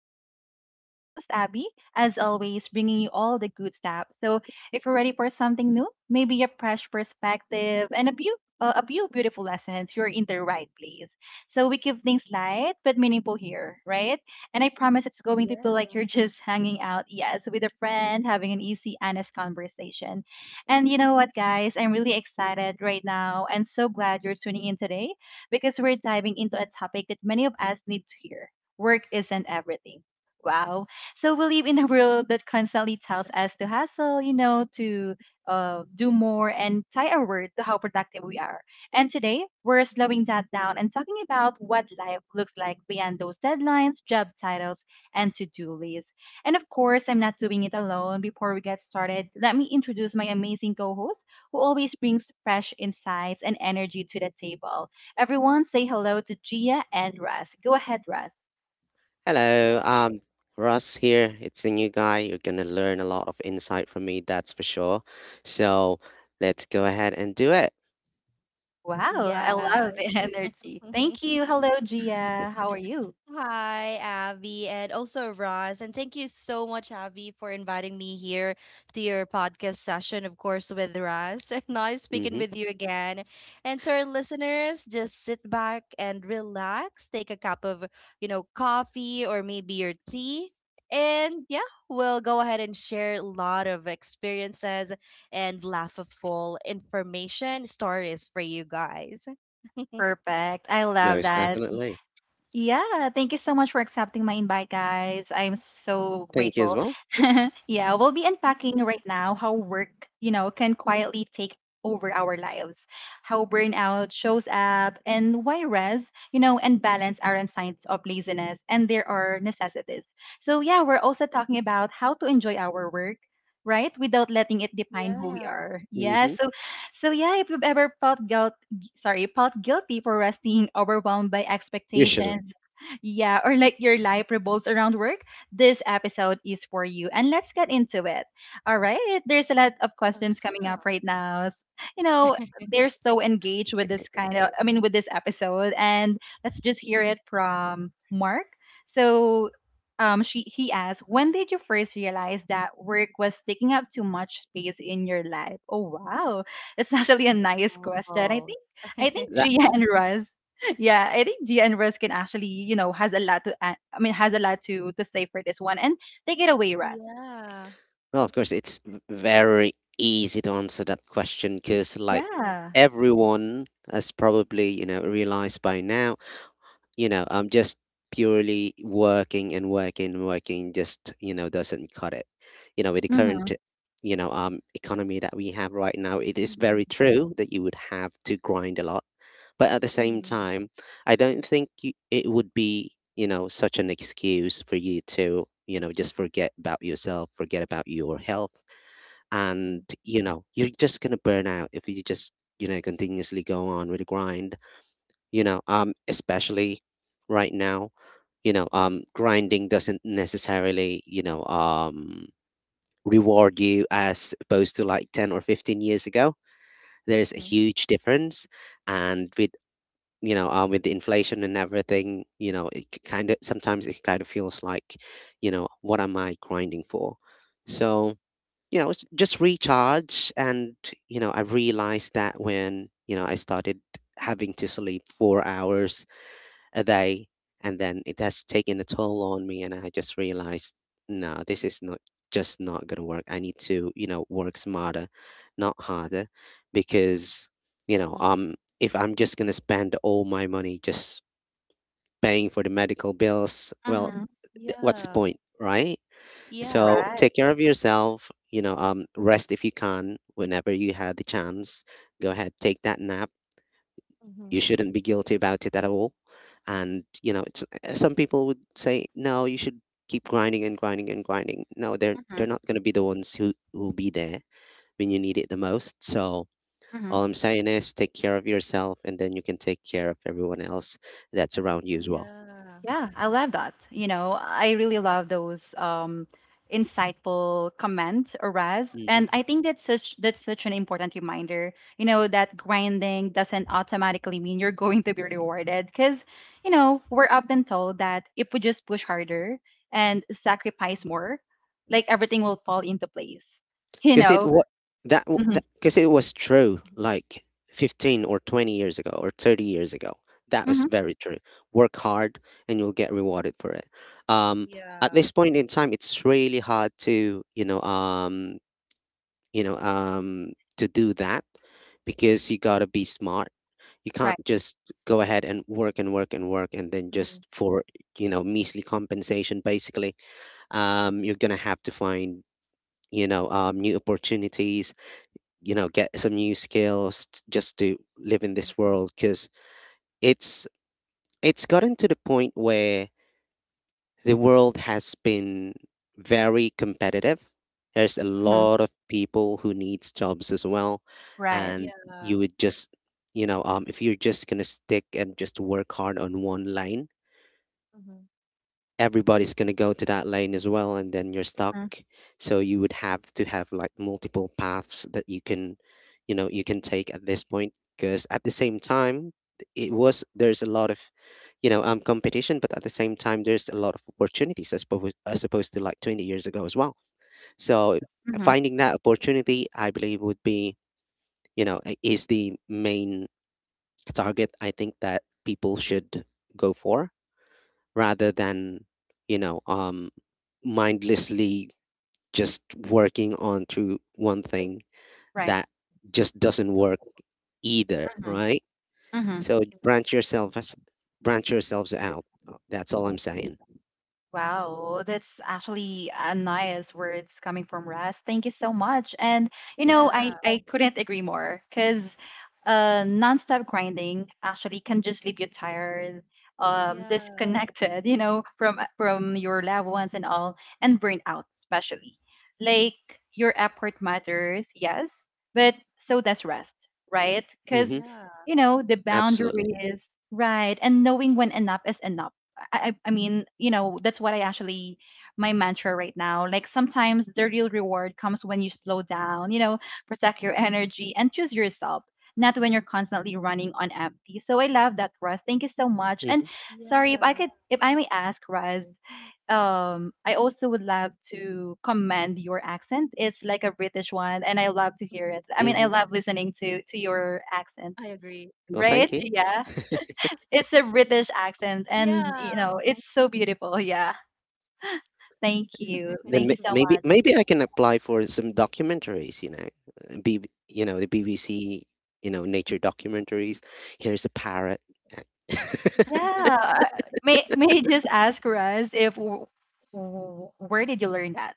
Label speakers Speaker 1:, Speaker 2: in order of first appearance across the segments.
Speaker 1: Abby Vibes. It's your host, Abby, as always, bringing you all the good stuff. So, if you're ready for something new, maybe a fresh perspective and a few beautiful lessons, you're in the right place. So, we keep things light but meaningful here, right? And I promise it's going to
Speaker 2: Yeah.
Speaker 1: feel like you're just hanging out, yes, with a friend, having an easy, honest conversation. And you know what, guys? I'm really excited right now and so glad you're tuning in today because we're diving into a topic that many of us need to hear. Work isn't everything. Wow. So we live in a world that constantly tells us to hustle, you know, to do more and tie our word to how productive we are. And today, we're slowing that down and talking about what life looks like beyond those deadlines, job titles, and to do lists. And of course, I'm not doing it alone. Before we get started, let me introduce my amazing co host who always brings fresh insights and energy to the table. Everyone say hello to Gia and Russ. Go ahead, Russ.
Speaker 3: Hello, Russ here. It's the new guy. You're gonna learn a lot of insight from me, that's for sure. So let's go ahead and do it.
Speaker 1: Wow, I
Speaker 2: Yeah.
Speaker 1: love the energy. Thank you. Hello, Gia. How are you?
Speaker 2: Hi, Abby, and also Roz. And thank you so much, Abby, for inviting me here to your podcast session, of course, with Roz. Nice speaking
Speaker 3: Mm-hmm.
Speaker 2: with you again. And to our listeners, just sit back and relax. Take a cup of, coffee or maybe your tea. And yeah, we'll go ahead and share a lot of experiences and laughable information stories for you guys.
Speaker 1: Perfect. I love
Speaker 3: Most
Speaker 1: that.
Speaker 3: definitely.
Speaker 1: Yeah, thank you so much for accepting my invite, guys. I'm so
Speaker 3: Thank you as
Speaker 1: grateful.
Speaker 3: well.
Speaker 1: yeah, we'll be unpacking right now how work, can quietly take over our lives, how burnout shows up, and why rest, and balance aren't signs of laziness and there are necessities. So, yeah, we're also talking about how to enjoy our work. Right, without letting it define who we
Speaker 2: Yeah.
Speaker 1: are. Yeah.
Speaker 3: Mm-hmm.
Speaker 1: So, so yeah. If you've ever felt guilt sorry, felt guilty for resting overwhelmed by
Speaker 3: You shouldn't.
Speaker 2: Mhm.
Speaker 1: expectations. Yeah, or like your life revolves around work, this episode is for you. And let's get into it. All right. There's a lot of questions coming up
Speaker 2: Ah.
Speaker 1: right now. You know, they're so engaged with this kind of, I mean, with this episode. And let's just hear it from Mark. So, she he asked, when did you first realize that work was taking up too much space in your life? Oh wow, it's actually a nice question. I
Speaker 2: Oo.
Speaker 1: think I think Gia
Speaker 3: That's
Speaker 1: and Russ. Yeah, I think Gia and Russ can actually, you know, has a lot to. I mean, has a lot to say for this one, and take it away, Russ.
Speaker 2: Yeah.
Speaker 3: Well, of course, it's very easy to answer that question because, like,
Speaker 1: Yeah.
Speaker 3: everyone has probably realized by now. Just purely working and working and working, doesn't cut it. With the current,
Speaker 1: Mm-hmm.
Speaker 3: you know, um, economy that we have right now, it is very
Speaker 2: Mhm.
Speaker 3: true that you would have to grind a lot. But at the same
Speaker 2: Mhm,
Speaker 3: time, I don't think it would be, such an excuse for you to, just forget about yourself, forget about your health. And,
Speaker 2: mhm,
Speaker 3: you know, you're just going to burn out if you just, continuously go on with the grind. Especially right now,
Speaker 2: mm,
Speaker 3: grinding doesn't necessarily reward you, as opposed to like 10 or 15 years ago. There's a
Speaker 2: mhm.
Speaker 3: huge difference. And with the inflation and everything, it kind of sometimes it kind of feels like, what
Speaker 2: Yeah.
Speaker 3: am I grinding for? So, it's just recharge. And, I realized that when, I started having to sleep 4 hours a day, and then it has taken a toll on me, and I just realized, nah, this is not just not gonna work. I need to work smarter, not harder, because
Speaker 2: Mhm.
Speaker 3: if I'm just gonna spend all my money just paying for the medical bills, well,
Speaker 1: Mm-hmm.
Speaker 3: what's the
Speaker 2: Yeah.
Speaker 3: point, right?
Speaker 2: Yeah.
Speaker 3: So
Speaker 1: Right.
Speaker 3: take care of yourself, rest if you can, whenever you had the chance. Go ahead, take that nap. You
Speaker 2: Mhm.
Speaker 3: shouldn't be guilty about it at all. And you know it's some people would say, no, you should keep grinding and grinding and grinding. No, they're
Speaker 1: Mm-hmm.
Speaker 3: they're not going to be the ones who'll be there when you need it the most. So all I'm saying is, take care of yourself, and then you can take care of everyone else that's around you as well.
Speaker 1: Yeah, I love that. You know, I really love those insightful comments, Raz,
Speaker 3: Hmm.
Speaker 1: and I think that's such an important reminder. You know, that grinding doesn't automatically mean you're going to be rewarded, because you know we're often told that if we just push harder and sacrifice more, like everything will fall into place. You
Speaker 3: because it
Speaker 1: know,
Speaker 3: what that
Speaker 1: mm-hmm,
Speaker 3: because it was true, like 15 or 20 years ago, or 30 years ago. That was
Speaker 1: mm-hmm,
Speaker 3: very true. Work hard and you'll get rewarded for it. um at
Speaker 2: Yeah.
Speaker 3: this point in time, it's really hard to you know um to do that, because you got to be smart. You
Speaker 1: right,
Speaker 3: can't just go ahead and work and work and work, and then just
Speaker 2: Mhm,
Speaker 3: for measly compensation basically. You're going to have to find new opportunities. Get some new skills, just to live in
Speaker 2: mhm.
Speaker 3: this world, because it's it's gotten to the point where the world has been very competitive. There's a
Speaker 2: Yeah. Mhm, mhm,
Speaker 1: hmm
Speaker 2: mhm.
Speaker 3: lot of people who needs jobs as well.
Speaker 1: right,
Speaker 3: And
Speaker 2: Yeah.
Speaker 3: you would just, if you're just gonna stick and just work hard on one line,
Speaker 2: Mhm,
Speaker 3: everybody's going to go to that lane as well, and then you're stuck.
Speaker 1: hmm
Speaker 3: So you would have to have like multiple paths that you can take at this point, because at the same time, it was there's a lot of competition, but at the same time, there's a lot of opportunities, as opposed to like 20 years ago as well. So
Speaker 1: hmm
Speaker 3: finding that opportunity, I believe would be, is the main target, I think, that people should go for,
Speaker 2: mhm.
Speaker 3: rather than you know um mindlessly just working on through one thing.
Speaker 1: right.
Speaker 3: That just doesn't work either,
Speaker 1: hmm
Speaker 3: right?
Speaker 1: hmm
Speaker 3: So branch yourselves out. That's all I'm saying.
Speaker 1: Wow, that's actually a nice words coming from Russ. Thank you so much. And you know,
Speaker 3: Hmm.
Speaker 1: I
Speaker 2: Yeah.
Speaker 1: I couldn't agree more because nonstop grinding actually can just leave you tired,
Speaker 2: Yeah.
Speaker 1: disconnected, you know, from your loved ones and all, and burnt out especially. Like your effort matters, yes, but so does rest, right? Because
Speaker 3: Hmm.
Speaker 2: Yeah.
Speaker 1: you know the
Speaker 3: Absolutely.
Speaker 1: boundaries, right, and knowing when enough is enough I mean, you know, that's what I actually my mantra right now. Like sometimes the real reward comes when you slow down, you know, protect your energy and choose yourself, not when you're constantly running on empty. So I love that, Russ. Thank you so much. And
Speaker 3: Hmm.
Speaker 1: sorry if I
Speaker 2: Yeah.
Speaker 1: could, if I may ask, Russ, I also would love to commend
Speaker 2: Mhm.
Speaker 1: your accent. It's like a British one, and I love to hear it.
Speaker 2: I
Speaker 1: I mean, I
Speaker 3: Hmm.
Speaker 1: love
Speaker 2: agree.
Speaker 1: listening to your accent.
Speaker 3: Well,
Speaker 1: Right?
Speaker 3: thank you.
Speaker 1: Yeah. It's a
Speaker 2: Yeah.
Speaker 1: British accent, and you know, it's so beautiful. Yeah. Thank you.
Speaker 3: Then
Speaker 1: Thank
Speaker 3: may-
Speaker 1: you so
Speaker 3: maybe
Speaker 1: much.
Speaker 3: maybe I can apply for some documentaries, you know. uh, B- the BBC, nature documentaries. Here's a parrot. uh,
Speaker 1: Yeah. May I just ask Raz if where did you learn that?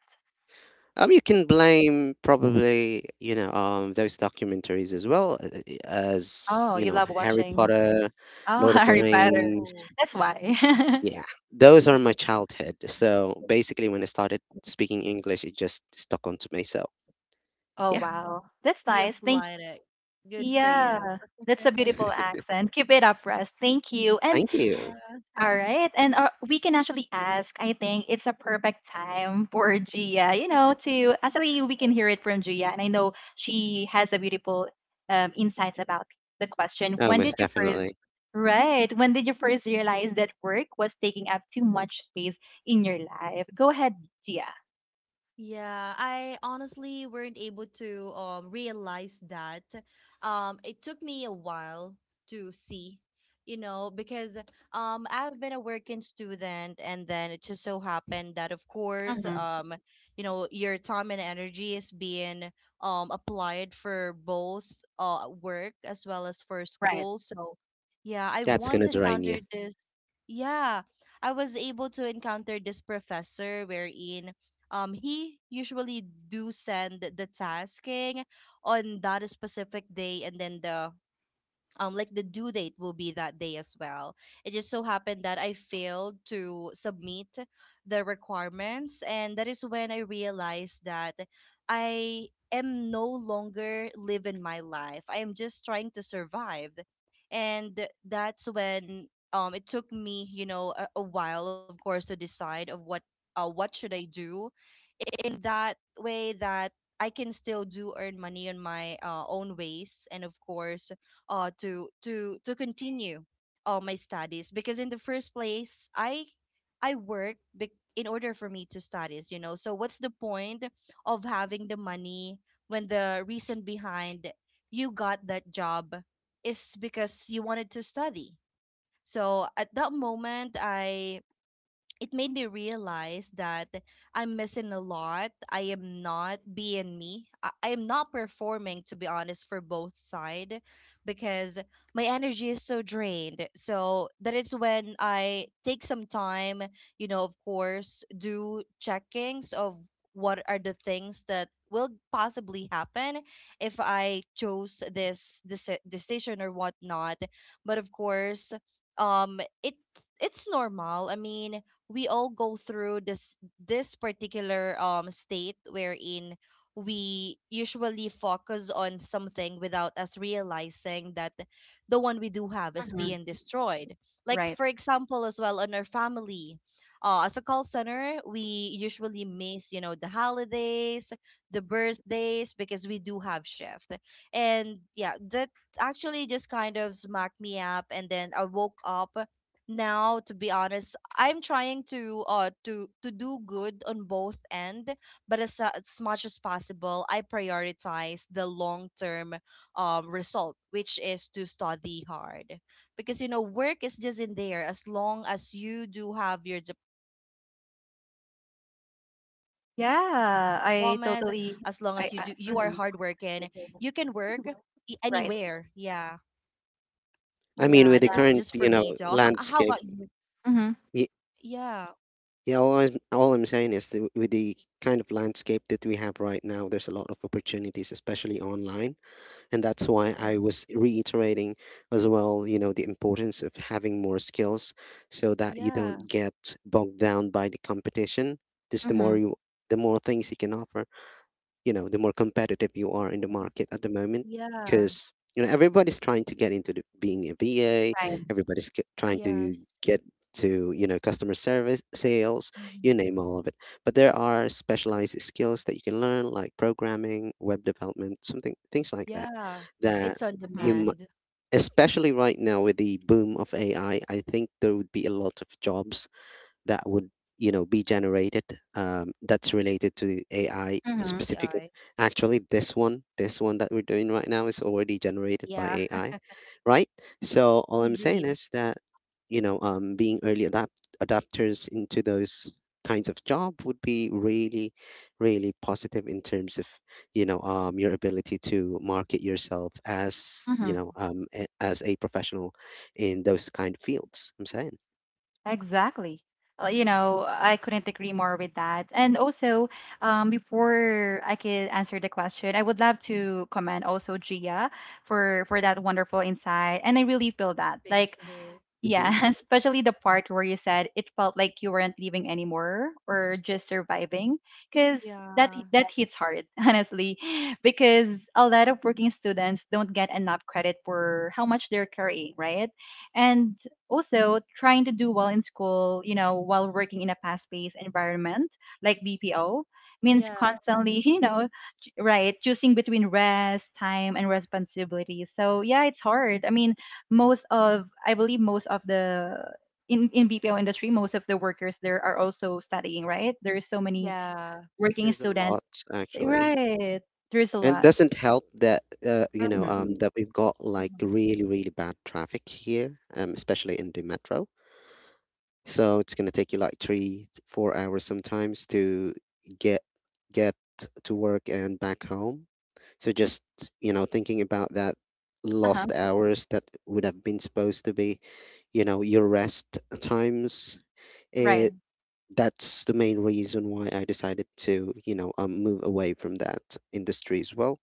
Speaker 3: You can blame probably, those documentaries as well, as,
Speaker 1: Oh, you love
Speaker 3: Harry
Speaker 1: watching.
Speaker 2: Mhm.
Speaker 3: Potter,
Speaker 1: Oh,
Speaker 3: Lord of the
Speaker 1: Harry Potter.
Speaker 3: Rings.
Speaker 2: Oh.
Speaker 1: That's why.
Speaker 3: Yeah, those are my childhood. So basically, when I started speaking English, it just stuck onto me. So
Speaker 1: Oh,
Speaker 3: yeah,
Speaker 2: Mhm.
Speaker 1: wow. That's
Speaker 2: You
Speaker 1: nice. Thank
Speaker 2: applied it. Good for
Speaker 1: yeah.
Speaker 2: you.
Speaker 1: That's a beautiful accent. Keep it up, Russ. Thank you. And
Speaker 3: thank you.
Speaker 2: Yeah.
Speaker 1: all right. And we can actually ask. I think it's a perfect time for Gia, you know, to actually, we can hear it from Gia. And I know she has a beautiful insights about the question.
Speaker 3: Oh,
Speaker 1: When did
Speaker 3: most
Speaker 1: you first,
Speaker 3: definitely.
Speaker 1: right? When did you first realize that work was taking up too much space in your life? Go ahead, Gia.
Speaker 2: Yeah, I honestly weren't able to realize that. It took me a while to see, you know, because I've been a working student, and then it just so happened that, of course, you know, your time and energy is being applied for both uh, work as well as for
Speaker 1: Right.
Speaker 2: school. So yeah, I
Speaker 3: That's
Speaker 2: once
Speaker 3: gonna drain you.
Speaker 2: encountered this. Yeah, I was able to encounter this professor wherein he usually do send the tasking on that specific day, and then the like the due date will be that day as well. It just so happened that I failed to submit the requirements, and that is when I realized that I am no longer living my life, I am just trying to survive. And that's when it took me, you know, a while, of course, to decide of what should I do in that way that I can still do earn money on my own ways, and of course uh, to continue my studies. Because in the first place, I work in order for me to studies, you know. So what's the point of having the money when the reason behind you got that job is because you wanted to study? So at that moment, I, it made me realize that I'm missing a lot. I am not being me. I am not performing, to be honest, for both side, because my energy is so drained. So that is when I take some time, you know, of course, do checkings of what are the things that will possibly happen if I chose this decision or whatnot. But of course, it it's normal. I mean, we all go through this particular state wherein we usually focus on something without us realizing that the one we do have is being
Speaker 1: Mm-hmm.
Speaker 2: destroyed, like
Speaker 1: Right.
Speaker 2: for example as well on our family. Uh, as a call center, we usually miss, you know, the holidays, the birthdays, because we do have shift. And yeah, that actually just kind of smacked me up, and then I woke up. Now, to be honest, I'm trying to uh, to do good on both end, but as as much as possible, I prioritize the long term result, which is to study hard. Because you know, work is just in there as long as you do have your diplomas, as long as you do, you are hardworking, you
Speaker 1: Yeah,
Speaker 2: can
Speaker 1: I
Speaker 2: work
Speaker 1: totally, I
Speaker 2: anywhere.
Speaker 1: hmm
Speaker 2: Yeah,
Speaker 1: right.
Speaker 2: yeah, that is just for me though.
Speaker 3: I mean, with
Speaker 2: How
Speaker 3: the
Speaker 2: about
Speaker 1: Yeah.
Speaker 3: current,
Speaker 2: you?
Speaker 3: landscape,
Speaker 1: Mm-hmm.
Speaker 2: Yeah.
Speaker 3: y- yeah, all I'm saying is that with the kind of landscape that we have right now, there's a lot of opportunities, especially online. And that's
Speaker 2: Mhm,
Speaker 3: why I was reiterating as well, the importance of having more skills, so that you
Speaker 2: yeah.
Speaker 3: don't get bogged down by the competition. Just
Speaker 1: Mm-hmm.
Speaker 3: the more things you can offer, the more competitive you are in the market at the moment,
Speaker 2: Yeah.
Speaker 3: because everybody's trying to get into being a va.
Speaker 1: Right.
Speaker 3: Trying
Speaker 2: Yes.
Speaker 3: to get to, customer service sales.
Speaker 2: Mhm.
Speaker 3: You name all of it. But there are specialized skills that you can learn, like programming, web development, something things like that,
Speaker 2: Yeah.
Speaker 3: that
Speaker 2: It's on
Speaker 3: you
Speaker 1: Mm-hmm.
Speaker 3: m-
Speaker 2: demand,
Speaker 3: especially right now, with the boom of AI, I think there would be a lot of jobs that would, be generated, that's related to AI specific.
Speaker 2: AI.
Speaker 3: Actually, this one that we're doing right now is already generated by
Speaker 2: Yeah,
Speaker 3: AI, right? So all I'm saying
Speaker 2: indeed.
Speaker 3: is that, being early adapters into those kinds of job would be really, really positive in terms of, your ability to market yourself as,
Speaker 1: Mm-hmm.
Speaker 2: Mhm.
Speaker 3: as a professional in those kind of fields, I'm saying.
Speaker 1: Exactly. You know, I couldn't agree more with that. And also, before I could answer the question, I would love to commend also Gia for that wonderful insight. And I really feel that,
Speaker 2: Thank
Speaker 1: like,
Speaker 2: you.
Speaker 1: yeah,
Speaker 3: Hmm.
Speaker 1: especially the part where you said it felt like you weren't living anymore or just surviving, because that
Speaker 2: Yeah.
Speaker 1: that hits hard, honestly, because a lot of working students don't get enough credit for how much they're carrying, right? And also trying to do well in school, you know, while working in a fast-paced environment like BPO means
Speaker 2: Yeah.
Speaker 1: constantly, you know, right, choosing between rest, time, and responsibility. So yeah, it's hard. I mean, most of I believe most of the in BPO industry, most of the workers there are also studying, right? There is so many
Speaker 2: Yeah.
Speaker 1: working
Speaker 3: There's a
Speaker 1: students.
Speaker 3: lot actually.
Speaker 1: Right. There is a
Speaker 3: And it
Speaker 1: lot.
Speaker 3: doesn't help that
Speaker 1: Mm-hmm.
Speaker 3: we've got like
Speaker 2: Mhm.
Speaker 3: really, really bad traffic here, especially in the metro. So it's gonna take you like 3 to 4 hours sometimes to get get to work and back home. So just, thinking about that lost
Speaker 1: Uh-huh.
Speaker 3: hours that would have been supposed to be, your rest times.
Speaker 1: Right.
Speaker 3: It
Speaker 2: Mhm.
Speaker 3: That's the main reason why I decided to, move away from that industry as well,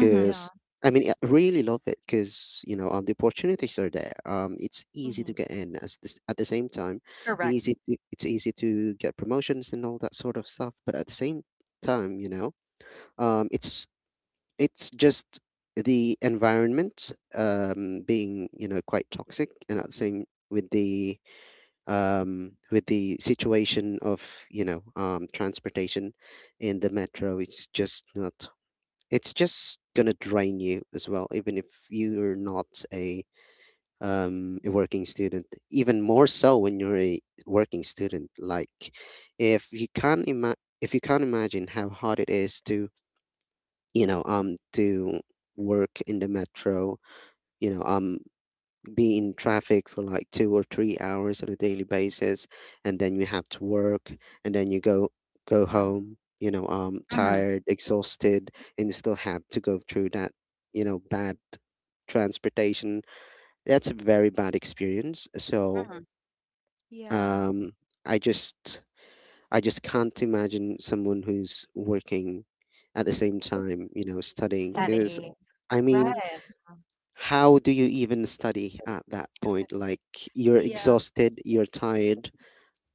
Speaker 1: Mm-hmm.
Speaker 2: Yeah.
Speaker 3: I mean, I really love it because, the opportunities are there. It's easy
Speaker 2: Mhm.
Speaker 3: to get in as this, at the same time,
Speaker 1: Correct.
Speaker 3: it's easy to get promotions and all that sort of stuff. But at the same time, um, it's it's just the environment, being quite toxic, and at the same, with the with the situation of, transportation in the metro, it's just not, it's just gonna drain you as well, even if you're not a working student. Even more so when you're a working student. Like, if you can't ima- if you can't imagine how hard it is to, to work in the metro, you know um be in traffic for like 2 or 3 hours on a daily basis, and then you have to work, and then you go
Speaker 2: Yeah.
Speaker 3: home,
Speaker 1: Mm-hmm.
Speaker 3: tired, exhausted, and you still have to go through that, bad transportation. That's a very bad experience. So,
Speaker 1: Mm-hmm.
Speaker 2: Yeah.
Speaker 3: um, I just I just can't imagine someone who's working at the same time, studying, because
Speaker 1: Studying.
Speaker 3: I mean,
Speaker 2: Yeah.
Speaker 1: Right.
Speaker 3: how do you even study at that point? Like, you're
Speaker 2: Yeah.
Speaker 3: exhausted, you're tired,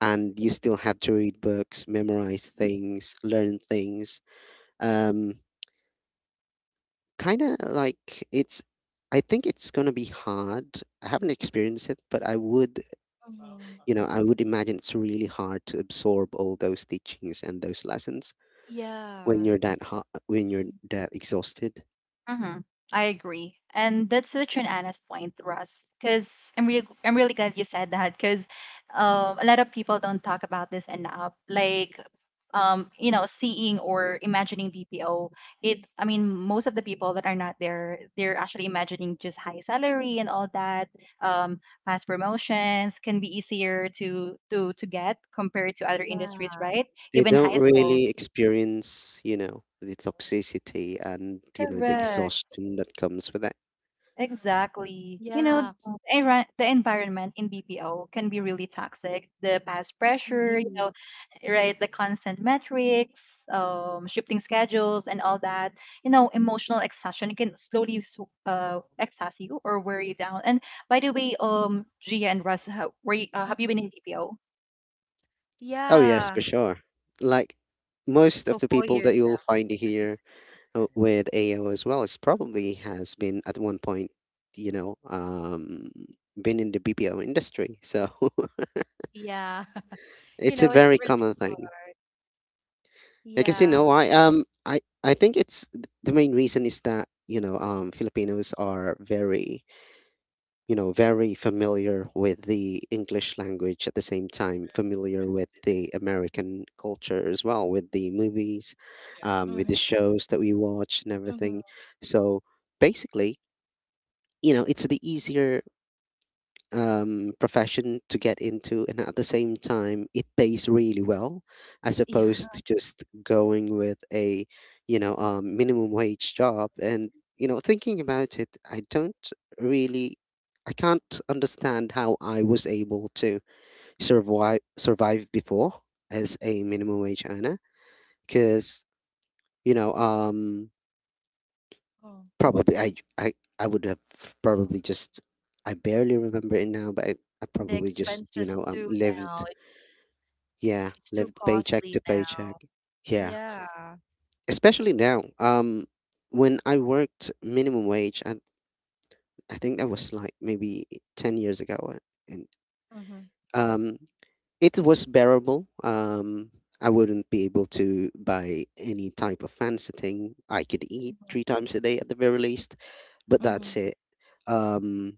Speaker 3: and you still have to read books, memorize things, learn things. Um, Kind of like it's. I think it's gonna be hard. I haven't experienced it, but I would,
Speaker 2: Mhm.
Speaker 3: you know, I would imagine it's really hard to absorb all those teachings and those lessons when
Speaker 2: Yeah.
Speaker 3: when you're that exhausted.
Speaker 1: Mm-hmm. I agree, and that's such an honest point, Russ. Because I'm really glad you said that. Because a lot of people don't talk about this enough. Like, you know, seeing or imagining BPO. It, I mean, most of the people that are not there, they're actually imagining just high salary and all that. Um, past promotions can be easier to get compared to other
Speaker 2: Yeah.
Speaker 1: industries, right?
Speaker 3: They
Speaker 1: Even
Speaker 3: don't
Speaker 1: high school.
Speaker 3: really experience, the toxicity, and, the
Speaker 1: Correct.
Speaker 3: exhaustion that comes with that.
Speaker 1: Exactly. You know,
Speaker 2: Yeah.
Speaker 1: the environment in BPO can be really toxic. The past pressure, you
Speaker 2: Indeed.
Speaker 1: know, right? The constant metrics, shifting schedules, and all that. You know, emotional exhaustion can slowly exhaust you or wear you down. And by the way, Gia and Russ, how, were you, have you been
Speaker 2: Mhm.
Speaker 1: in BPO?
Speaker 3: Oh, yes,
Speaker 2: Yeah.
Speaker 3: for sure. Like, most
Speaker 2: For
Speaker 3: of the
Speaker 2: four
Speaker 3: people
Speaker 2: years
Speaker 3: that you'll
Speaker 2: now.
Speaker 3: find here, with AO as well, it's probably has been at one point, you know, um, been in the BPO industry. So
Speaker 2: Yeah. You
Speaker 3: it's
Speaker 2: know,
Speaker 3: a
Speaker 2: it's
Speaker 3: very
Speaker 2: really
Speaker 3: common thing.
Speaker 2: hard.
Speaker 3: Because you
Speaker 2: Yeah.
Speaker 3: know, I um, I I think it's the main reason is that, Filipinos are very you know very familiar with the English language, at the same time familiar with the American culture as well, with the movies,
Speaker 2: Mm-hmm.
Speaker 3: with the shows that we watch and everything.
Speaker 2: Mm-hmm.
Speaker 3: So basically it's the easier profession to get into, and at the same time it pays really well as
Speaker 2: Yeah.
Speaker 3: opposed to just going with a minimum wage job. And thinking about it, I don't really I can't understand how I was able to survive before as a minimum wage earner, because you know um
Speaker 2: Oh.
Speaker 3: probably, I would have probably just, I barely remember it now, but I
Speaker 2: And the
Speaker 3: probably just,
Speaker 2: expenses too now.
Speaker 3: lived, yeah,
Speaker 2: It's too
Speaker 3: lived paycheck
Speaker 2: costly
Speaker 3: to
Speaker 2: now.
Speaker 3: paycheck. Yeah,
Speaker 2: Yeah.
Speaker 3: especially now. When I worked minimum wage, I think that was like maybe 10 years ago, and
Speaker 2: Mm-hmm.
Speaker 3: um, it was bearable. I wouldn't be able to buy any type of fancy thing. I could eat
Speaker 2: Mm-hmm.
Speaker 3: three times a day at the very least, but
Speaker 2: Mm-hmm.
Speaker 3: that's it. Um,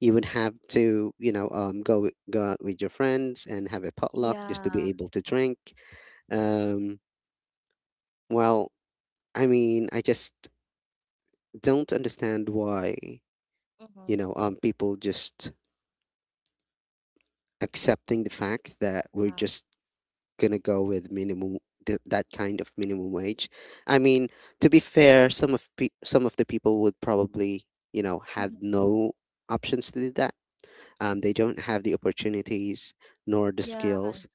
Speaker 3: you would have to go out with your friends and have a potluck just
Speaker 2: Yeah.
Speaker 3: to be able to drink. Um, well I just don't understand why
Speaker 2: Mm-hmm.
Speaker 3: people just accepting the fact that
Speaker 2: Yeah.
Speaker 3: we're just gonna go with minimum, that kind of minimum wage. i mean to be fair, some of some of the people would probably
Speaker 2: Mm-hmm.
Speaker 3: have no options to do that. They don't have the opportunities nor the
Speaker 2: Yeah.
Speaker 3: skills.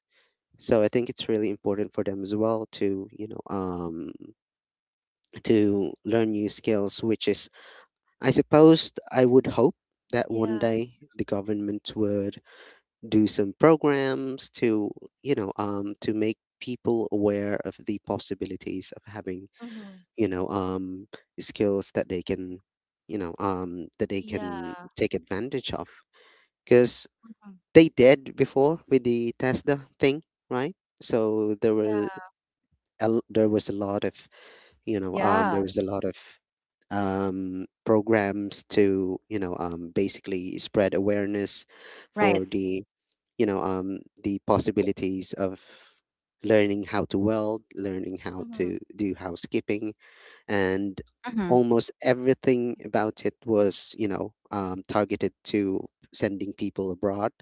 Speaker 3: So I think it's really important for them as well to, to learn new skills, which is, I suppose, I would hope that one
Speaker 2: Yeah.
Speaker 3: day the government would do some programs to, to make people aware of the possibilities of having,
Speaker 2: Mm-hmm.
Speaker 3: you know, um, skills that they can, that they can
Speaker 2: Yeah.
Speaker 3: take advantage of. Because
Speaker 2: Mm-hmm.
Speaker 3: they did before with the Tesla thing, right? So there
Speaker 2: Yeah.
Speaker 3: were a l there was a lot of
Speaker 1: Yeah.
Speaker 3: there was a lot of programs to basically spread awareness
Speaker 1: Right.
Speaker 3: for the you know um, the possibilities of learning how to weld, learning how
Speaker 2: Mm-hmm.
Speaker 3: to do housekeeping, and
Speaker 1: Mm-hmm.
Speaker 3: almost everything about it was targeted to sending people abroad,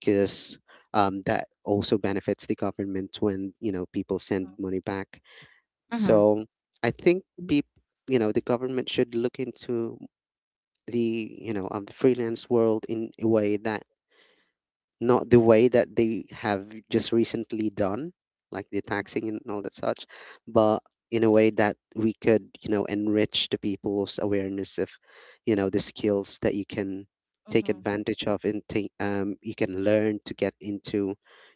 Speaker 3: because that also benefits the government when people send money back.
Speaker 1: Mm-hmm.
Speaker 3: So I think people, the government, should look into the freelance world in a way that, not the way that they have just recently done, like the
Speaker 2: Mm-hmm.
Speaker 3: taxing and all that such, but in a way that we could, enrich the people's awareness of, the skills that you can take
Speaker 2: Mm-hmm.
Speaker 3: advantage of and take, you can learn to get into,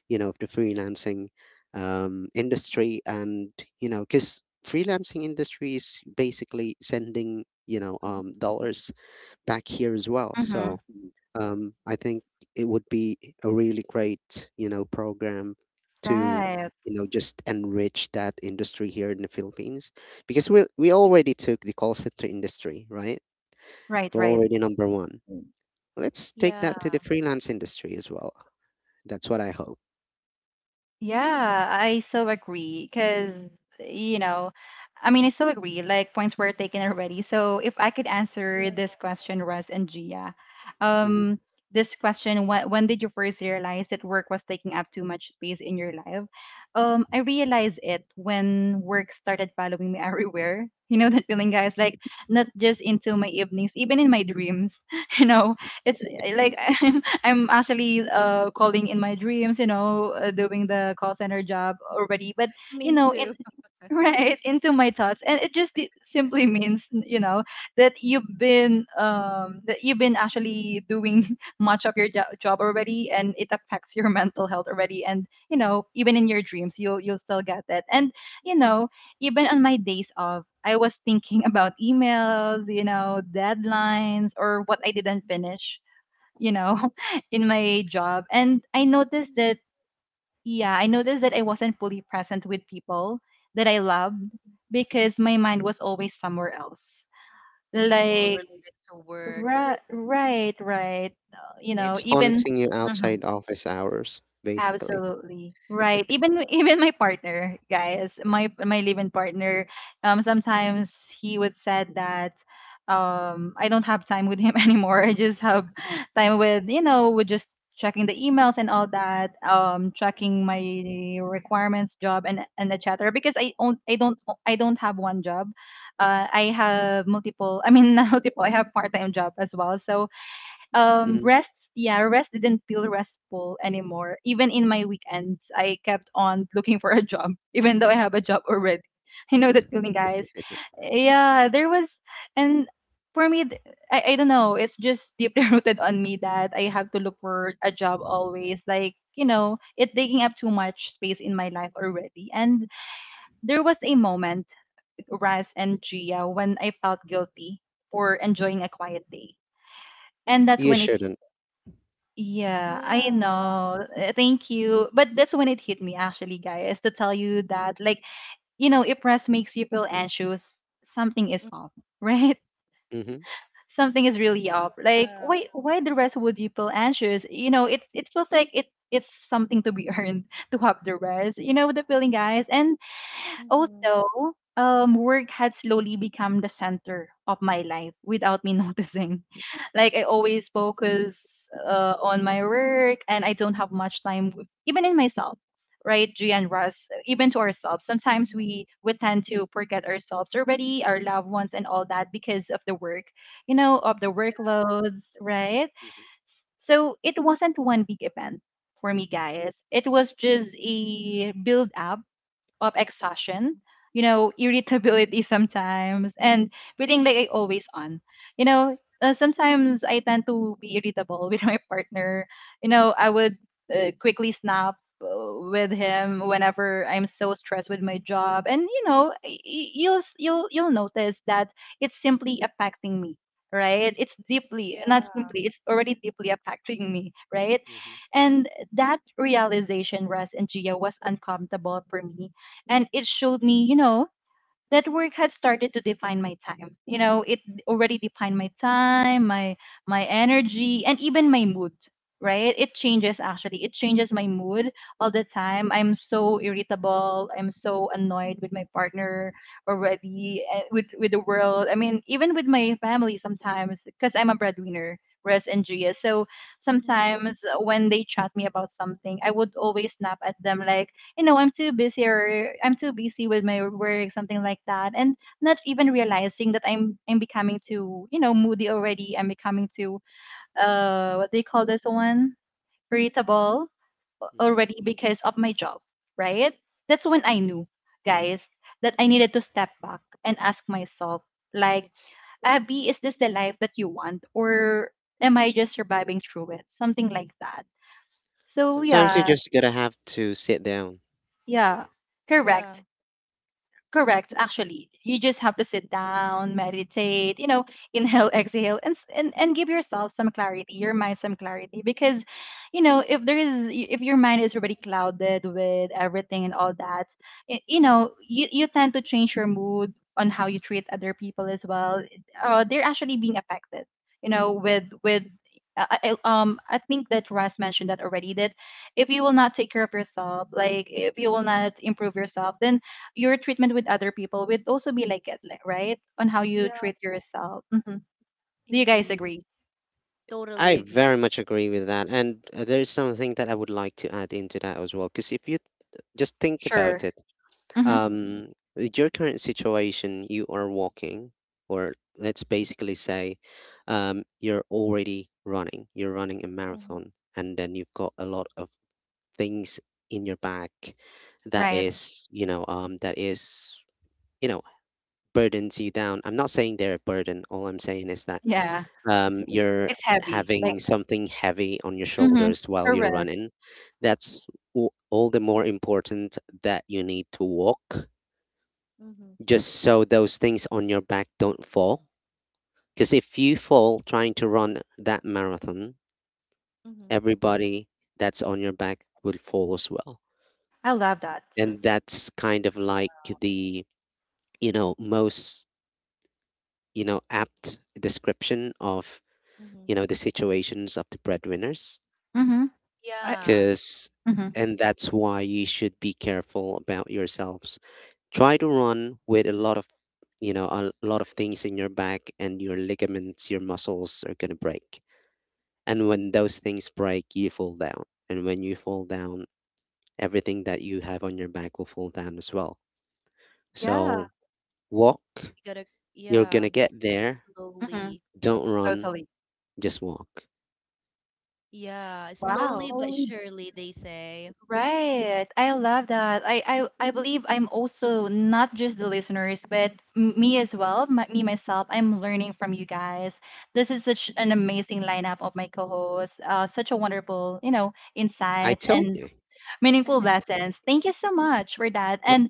Speaker 3: the freelancing industry, and, because freelancing industry is basically sending,
Speaker 2: Mhm.
Speaker 3: dollars back here as well.
Speaker 1: Mm-hmm.
Speaker 3: So, I think it would be a really great, program to,
Speaker 1: Right.
Speaker 3: just enrich that industry here in the Philippines, because we already took the call center industry, right?
Speaker 1: Right,
Speaker 3: We're
Speaker 1: right.
Speaker 3: already number one. Let's take
Speaker 2: Yeah.
Speaker 3: that to the freelance industry as well. That's what I hope.
Speaker 1: Yeah, I so agree because, you know, I mean, I so agree. Like, points were taken already. So, if I could
Speaker 2: Yeah.
Speaker 1: answer this question, Russ and Gia,
Speaker 3: Hmm.
Speaker 1: um, this question, when did you first realize that work was taking up too much space in your life? I realized it when work started following me everywhere. You know that feeling, guys? Like, not just into my evenings, even in my dreams. You know, it's like I'm actually calling in my dreams, you know, doing the call center job already. But
Speaker 2: Me
Speaker 1: you know, in
Speaker 2: too.
Speaker 1: right into my thoughts, and it just simply means, you know, that you've been actually doing much of your job already, and it affects your mental health already. And you know, even in your dreams, you'll still get that. And you know, even on my days off. I was thinking about emails, you know, deadlines, or what I didn't finish you know, in my job. And I noticed that, yeah, I noticed that I wasn't fully present with people that I loved because my mind was always somewhere else.
Speaker 2: All
Speaker 1: Like,
Speaker 2: related to work.
Speaker 1: right. You know,
Speaker 3: It's
Speaker 1: even,
Speaker 3: haunting you
Speaker 1: mm-hmm,
Speaker 3: outside office hours, basically.
Speaker 1: absolutely. Right. Even even my partner, guys, my live-in partner, sometimes he would said that I don't have time with him anymore. I just have time with, you know, with just checking the emails and all that, checking
Speaker 2: Mhm.
Speaker 1: my requirements, job and etc. because I don't have one job. I have multiple, I mean not multiple, I have part-time job as well. So
Speaker 3: Hmm.
Speaker 1: rest yeah rest didn't feel restful anymore even in my weekends I kept on looking for a job even though I have a job already I know that feeling guys yeah there was and for me I don't know it's just deeply rooted on me that I have to look for a job always like you know it taking up too much space in my life already and there was a moment raz and gia when I felt guilty for enjoying a quiet day and that's
Speaker 3: You
Speaker 1: when it hit
Speaker 3: shouldn't.
Speaker 1: yeah, I
Speaker 2: Yeah.
Speaker 1: know. Thank you. But that's when it hit me actually, guys, to tell you that like, you know, if rest makes you feel anxious, something is off, right?
Speaker 3: Hmm.
Speaker 1: Something is really off. Like,
Speaker 2: Yeah.
Speaker 1: why the rest would you feel anxious? You know, it feels like it's something to be earned to have the rest. You know the feeling, guys. And
Speaker 2: Mm-hmm.
Speaker 1: also, work had slowly become the center of my life without me noticing. Like I always focus on my work, and I don't have much time, even in myself. Right, G and Russ, even to ourselves. Sometimes
Speaker 2: Mm-hmm.
Speaker 1: we tend to forget ourselves already, our loved ones, and all that because of the work, you know, of the workloads, right? So it wasn't one big event for me, guys. It was just a build up of exhaustion, you know, irritability sometimes, and feeling like I always on. You know, sometimes I tend to be irritable with my partner. You know, I would quickly snap uh, with him whenever I'm so stressed with my job, and you know, y- y- you'll s- you'll notice that it's simply affecting me. Right, it's deeply, not
Speaker 2: Yeah.
Speaker 1: simply, it's already deeply affecting me, right?
Speaker 3: Hmm.
Speaker 1: And that realization, Russ and Gia, was uncomfortable for me, and it showed me, you know, that work had started to define my time. You know, it already defined my time, my energy, and even my mood. Right, it changes, actually, it changes my mood all the time. I'm so irritable, I'm so annoyed with my partner already, eh, with the world, I mean, even with my family sometimes because I'm a breadwinner whereas Andrea. So
Speaker 2: Mm-hmm.
Speaker 1: sometimes, when they chat me about something, I would always snap at them like, you know, I'm too busy or I'm too busy with my work, something like that. And not even realizing that I'm becoming too, you know, moody already. I'm becoming too what do you call this one? Irritable
Speaker 3: Hmm.
Speaker 1: already because of my job, right? That's when I knew, guys, that I needed to step back and ask myself, like, Abby, is this the life that you want? Or am I just surviving through it? Something like that. So
Speaker 3: Sometimes you are
Speaker 1: yeah,
Speaker 3: just going to have to sit down.
Speaker 1: yeah.
Speaker 2: Yeah.
Speaker 1: Correct. Correct, actually. You just have to sit down, meditate, you know, inhale, exhale, and, and give yourself some clarity, your mind some clarity. Because, you know, if there is if your mind is already clouded with everything and all that, you know, you tend to change your mood on how you treat other people as well. They're actually being affected, you know, with I think that Russ mentioned that already. That if you will not take care of yourself, like if you will not improve yourself, then your treatment with other people would also be like it, like, right? On how you
Speaker 2: Yeah.
Speaker 1: treat yourself. Hmm. Do you guys
Speaker 2: Indeed.
Speaker 1: agree?
Speaker 3: I
Speaker 2: Totally agree.
Speaker 3: very much agree with that. And there's something that I would like to add into that as well. Because if you just think about
Speaker 1: Sure.
Speaker 3: it,
Speaker 1: Hmm.
Speaker 2: Mm-hmm.
Speaker 3: um, with your current situation, you are walking, or let's basically say you're already running, you're running a
Speaker 2: Mm-hmm.
Speaker 3: marathon, and then you've got a lot of things in your back that
Speaker 1: Right.
Speaker 2: Mm-hmm.
Speaker 3: is, that is, you know, burdens you down. I'm not saying they're a burden. All I'm saying is that
Speaker 1: Yeah.
Speaker 3: you're
Speaker 1: It's heavy. Like,
Speaker 3: having something heavy on your
Speaker 1: hmm.
Speaker 2: Mm-hmm.
Speaker 3: shoulders while you're
Speaker 1: Correct.
Speaker 3: running. That's all the more important that you need to walk,
Speaker 2: Mm-hmm.
Speaker 3: just so those things on your back don't fall. Because if you fall trying to run that marathon,
Speaker 2: Mm-hmm.
Speaker 3: everybody that's on your back will fall as well.
Speaker 1: I love that.
Speaker 3: And that's kind of
Speaker 2: Yeah.
Speaker 3: like the, most apt description of
Speaker 2: Mm-hmm.
Speaker 3: the situations of the breadwinners,
Speaker 1: Hmm. I,
Speaker 2: Yeah.
Speaker 3: because
Speaker 1: hmm,
Speaker 3: and that's why you should be careful about yourselves. Try to run with a lot of a lot of things in your back, and your ligaments, your muscles are going to break. And when those things break, you fall down. And when you fall down, everything that you have on your back will fall down as well.
Speaker 1: yeah,
Speaker 3: So walk.
Speaker 2: You gotta,
Speaker 3: You're going to
Speaker 2: yeah,
Speaker 3: get there.
Speaker 1: hmm,
Speaker 2: slowly.
Speaker 3: Don't run.
Speaker 1: totally.
Speaker 3: Just walk.
Speaker 2: Yeah, slowly
Speaker 1: Wow.
Speaker 2: but surely, they say.
Speaker 1: Right. I love that. I believe I'm also not just the listeners, but me as well, my, me myself, I'm learning from you guys. This is such an amazing lineup of my co-hosts, such a wonderful, you know,
Speaker 3: i
Speaker 1: insights
Speaker 3: told
Speaker 1: and
Speaker 3: you
Speaker 1: meaningful lessons. Thank you so much for that. And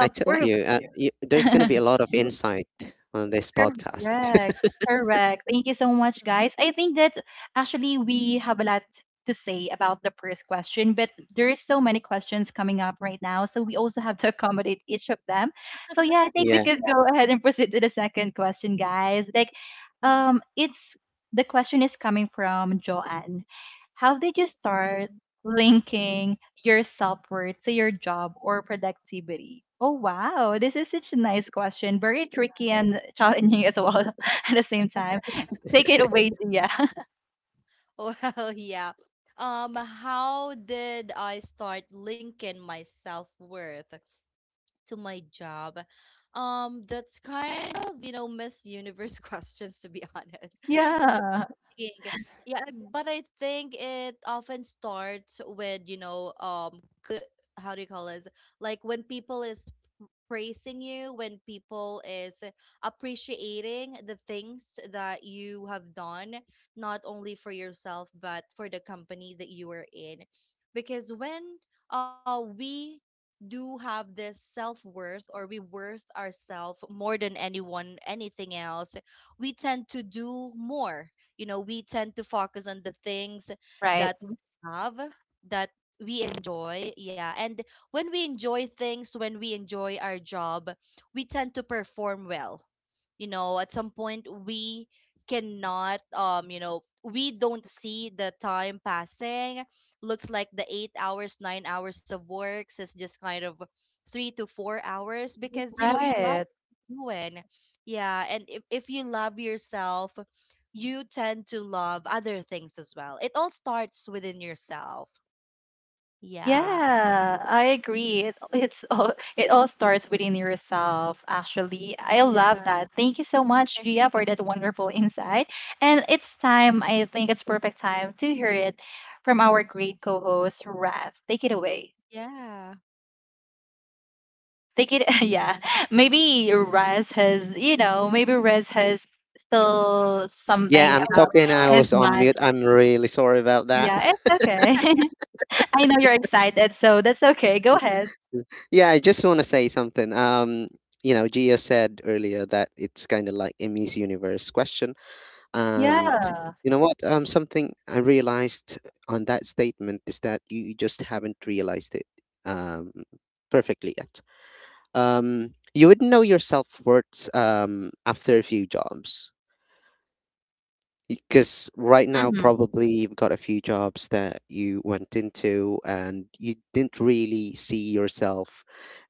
Speaker 3: I told
Speaker 1: we're
Speaker 3: you, you there's going to be a lot of insight on this podcast.
Speaker 1: Correct. Correct. Thank you so much, guys. I think that actually we have a lot to say about the first question, but there is so many questions coming up right now, so we also have to accommodate each of them. So yeah, I think we
Speaker 3: Yeah.
Speaker 1: could go ahead and proceed to the second question, guys. Like, it's the question is coming from Joanne. How did you start linking your self-worth to your job or productivity? Oh wow, this is such a nice question. Very tricky and challenging as well at the same time. Take it away, Gia.
Speaker 2: Well, yeah. How did I start linking my self-worth to my job? That's kind of, you know, Miss Universe questions, to be honest.
Speaker 1: Yeah.
Speaker 2: It think- Yeah, but I think it often starts with, you know, how do you call this? Like when people is praising you, when people is appreciating the things that you have done, not only for yourself but for the company that you are in. Because when uh, we do have this self-worth, or we worth ourselves more than anyone anything else, we tend to do more, you know, we tend to focus on the things
Speaker 1: Right.
Speaker 2: that we have, that we enjoy. Yeah, and when we enjoy things, when we enjoy our job, we tend to perform well. You know, at some point, we cannot you know, we don't see the time passing, looks like the 8 hours, 9 hours of works is just kind of 3 to 4 hours, because you know, you love
Speaker 1: Right.
Speaker 2: doing. Yeah, and if you love yourself, you tend to love other things as well. It all starts within yourself. Yeah.
Speaker 1: Yeah, I agree. It, it's all it all starts within yourself, actually. I love
Speaker 2: Yeah.
Speaker 1: that. Thank you so much, Gia, for that wonderful insight. And it's time, I think it's perfect time to hear it from our great co-host, Raz. Take it away.
Speaker 2: Yeah.
Speaker 1: Take it, yeah. Maybe Raz has, you know, maybe Raz has still something
Speaker 3: Yeah, I'm
Speaker 2: A
Speaker 1: about
Speaker 3: talking. I
Speaker 2: lot.
Speaker 1: his
Speaker 3: was on
Speaker 1: mind.
Speaker 3: mute. I'm really sorry about that.
Speaker 1: Yeah, it's okay. I know you're excited, so that's okay. Go ahead.
Speaker 3: Yeah, I just want to say something. You know, Gia said earlier that it's kind of like a Miss Universe question. And
Speaker 1: Yeah.
Speaker 3: you know what? Something I realized on that statement is that you just haven't realized it um, perfectly yet. You would not know your self worth after a few jobs. Because right now, probably you've got a few jobs that you went into and you didn't really see yourself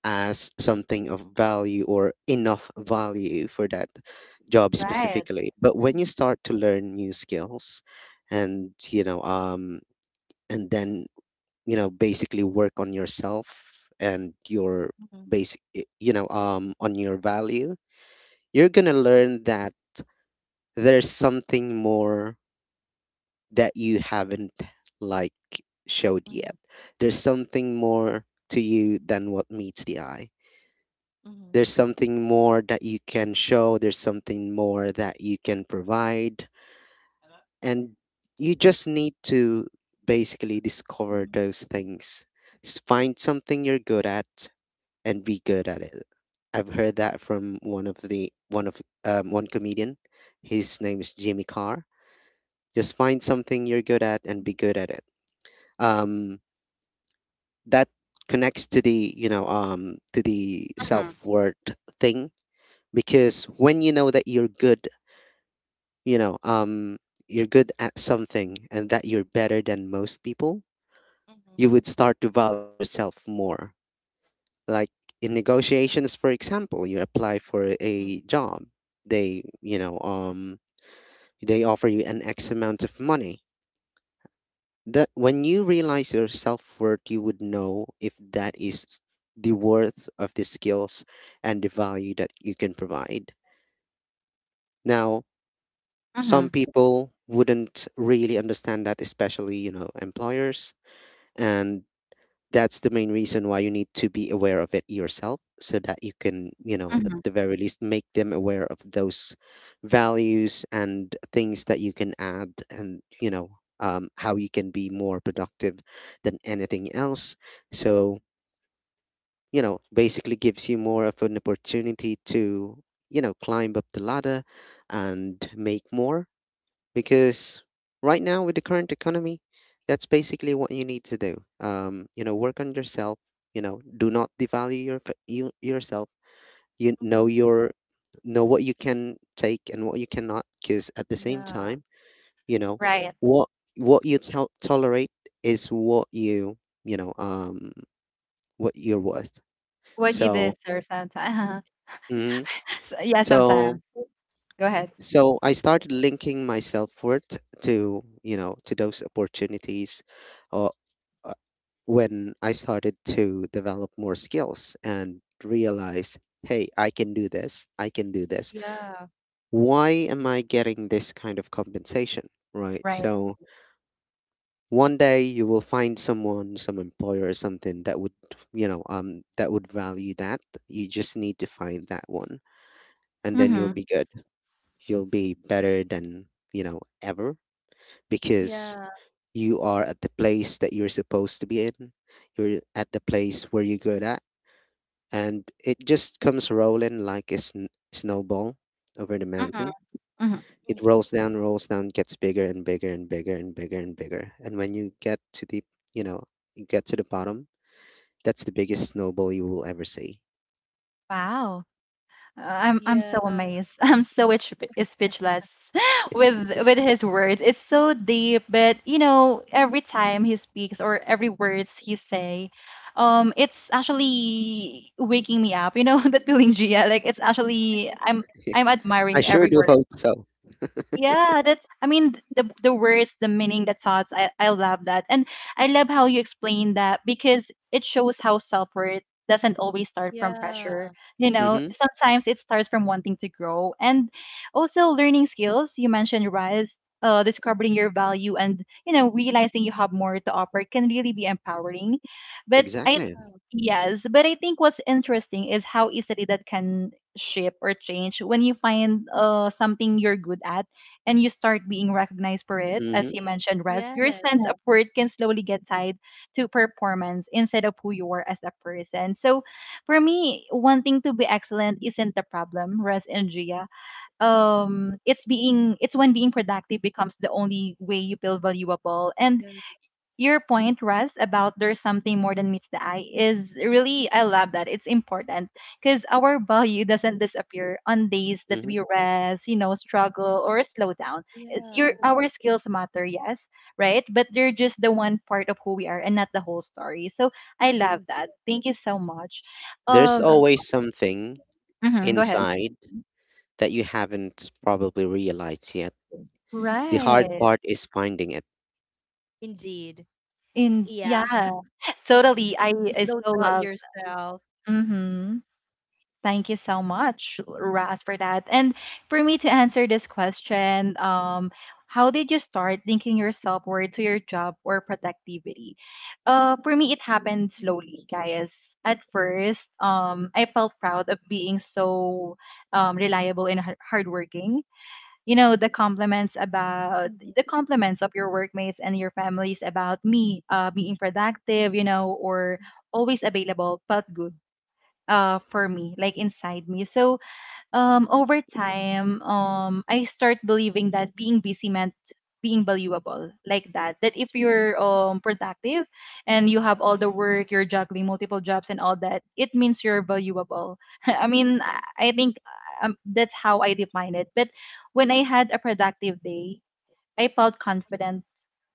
Speaker 3: as something of value or enough value for that job
Speaker 1: Right.
Speaker 3: specifically. But when you
Speaker 2: Mhm,
Speaker 3: start to learn new skills and, and then, basically work on yourself and your
Speaker 2: mhm,
Speaker 3: basic, on your value, you're going to
Speaker 2: mhm,
Speaker 3: learn that there's something more that you haven't like showed yet. There's something more to you than what meets the eye.
Speaker 2: mhm,
Speaker 3: There's something more that you can show, there's something more that you can provide, and you just need to basically discover
Speaker 2: mhm,
Speaker 3: those things. Find something you're good at and be good at it. I've heard that from one of one comedian. His name is Jimmy Carr. Just find something you're good at and be good at it. Um, that connects to the to the
Speaker 1: Mhm.
Speaker 3: self-worth thing, because when you know that you're good, you know um you're good at something and that you're better than most people,
Speaker 2: mhm,
Speaker 3: you would start to value yourself more. Like in negotiations, for example, you apply for
Speaker 2: mhm,
Speaker 3: a job, they they offer you an x amount of money, that when you realize your self-worth you would know if that is the worth of the skills and the value that you can provide. Now some
Speaker 1: Mhm.
Speaker 3: people wouldn't really understand that, especially employers, and that's the main reason why you need to be aware of it yourself, so that you can at
Speaker 1: Mhm.
Speaker 3: the very least make them aware of those values and things that you can add, and how you can be more productive than anything else. So basically gives you more of an opportunity to climb up the ladder and make more, because right now with the current economy that's basically what you need to do. You know, work on yourself. You know, do not devalue your you, yourself. you
Speaker 2: mhm.
Speaker 3: know your know what you can take and what you cannot, because at the same
Speaker 2: Yeah.
Speaker 3: time, you know
Speaker 1: Right.
Speaker 3: what what you tolerate is what you know what you're worth.
Speaker 1: What you did,
Speaker 3: So
Speaker 1: deserve sometimes.
Speaker 3: mhm.
Speaker 1: So, yeah,
Speaker 3: so
Speaker 1: sometimes. Go ahead.
Speaker 3: so I started linking my self-worth to, you know, to those opportunities or. When I started to develop more skills and
Speaker 2: Mhm.
Speaker 3: realize, hey, I can do this, I can do this.
Speaker 2: Yeah.
Speaker 3: Why am I getting this kind of compensation? Right.
Speaker 1: Right.
Speaker 3: So one day you will find someone, some employer or something that would, that would value that. You just need to find that one and then you'll
Speaker 1: Mhm.
Speaker 3: be good. You'll be better than, ever, because
Speaker 2: Yeah.
Speaker 3: you are at the place that you're supposed to be in. You're at the place where you're good at, and it just comes rolling like a snowball over the
Speaker 1: Mhm.
Speaker 3: mountain.
Speaker 1: Mhm.
Speaker 2: Mhm.
Speaker 3: It rolls down, gets bigger and bigger and bigger and bigger and bigger. And when you get to the, you know, you get to the bottom, that's the biggest snowball you will ever see.
Speaker 1: Wow. I'm
Speaker 2: Yeah.
Speaker 1: so amazed. I'm so speechless with his words. It's so deep, but you know, every time he speaks or every words he say, it's actually waking me up. You know that feeling, Gia. Like it's actually I'm
Speaker 3: I
Speaker 1: admiring
Speaker 3: sure
Speaker 1: every
Speaker 3: do
Speaker 1: word.
Speaker 3: hope so.
Speaker 1: Yeah, that's I mean the words, the meaning, the thoughts. I love that. And I love how you explain that because it shows how self-worth doesn't always start from pressure.
Speaker 2: Yeah.
Speaker 1: You know,
Speaker 3: Mm-hmm.
Speaker 1: sometimes it starts from wanting to grow and also learning skills. You mentioned rise discovering your value, and you know, realizing you have more to offer can really be empowering, but I
Speaker 3: Exactly.
Speaker 1: yes, but I think what's interesting is how easily that can shift or change when you find something you're good at and you start being recognized for it. As
Speaker 3: Mm-hmm.
Speaker 1: you mentioned, Res, your sense Yeah.
Speaker 2: Yes.
Speaker 1: of worth can slowly get tied to performance instead of who you are as a person. So for me, wanting to be excellent isn't the problem, Res and Gia.
Speaker 2: Mhm.
Speaker 1: It's being it's when being productive becomes the only way you feel valuable. And
Speaker 2: Yeah.
Speaker 1: your point, Russ, about there's something more than meets the eye is really, I love that. It's important because our value doesn't disappear on days that
Speaker 3: Mm-hmm.
Speaker 1: we rest, you know, struggle or slow down. It- Your
Speaker 2: Yeah.
Speaker 1: our skills matter, yes, right? But they're just the one part of who we are and not the whole story. So I love that.
Speaker 2: Indeed.
Speaker 1: Thank you so much.
Speaker 3: There's
Speaker 1: Um,
Speaker 3: always something
Speaker 1: mhm, go ahead.
Speaker 3: inside that you haven't probably realized yet. The hard
Speaker 1: Right.
Speaker 3: part is finding it.
Speaker 2: Indeed.
Speaker 1: In yeah,
Speaker 2: Yeah.
Speaker 1: totally. I
Speaker 2: Just don't
Speaker 1: so
Speaker 2: doubt
Speaker 1: love.
Speaker 2: yourself.
Speaker 1: Mm-hmm. Thank you so much, Ras, for that. And for me to answer this question, how did you start linking your self worth to your job or productivity? For me, it happened slowly, guys. At first, I felt proud of being so reliable and hardworking. You know, the compliments about
Speaker 2: Mhm.
Speaker 1: the compliments of your workmates and your families about me being productive, you know, or always available felt good for me, like inside me. So um, over time, um, I start believing that being busy meant being valuable. Like that, if you're um, productive and you have all the work, you're juggling multiple jobs and all that, it means you're valuable. I mean, I think that's how I define it. But when I had a productive day, I felt confident,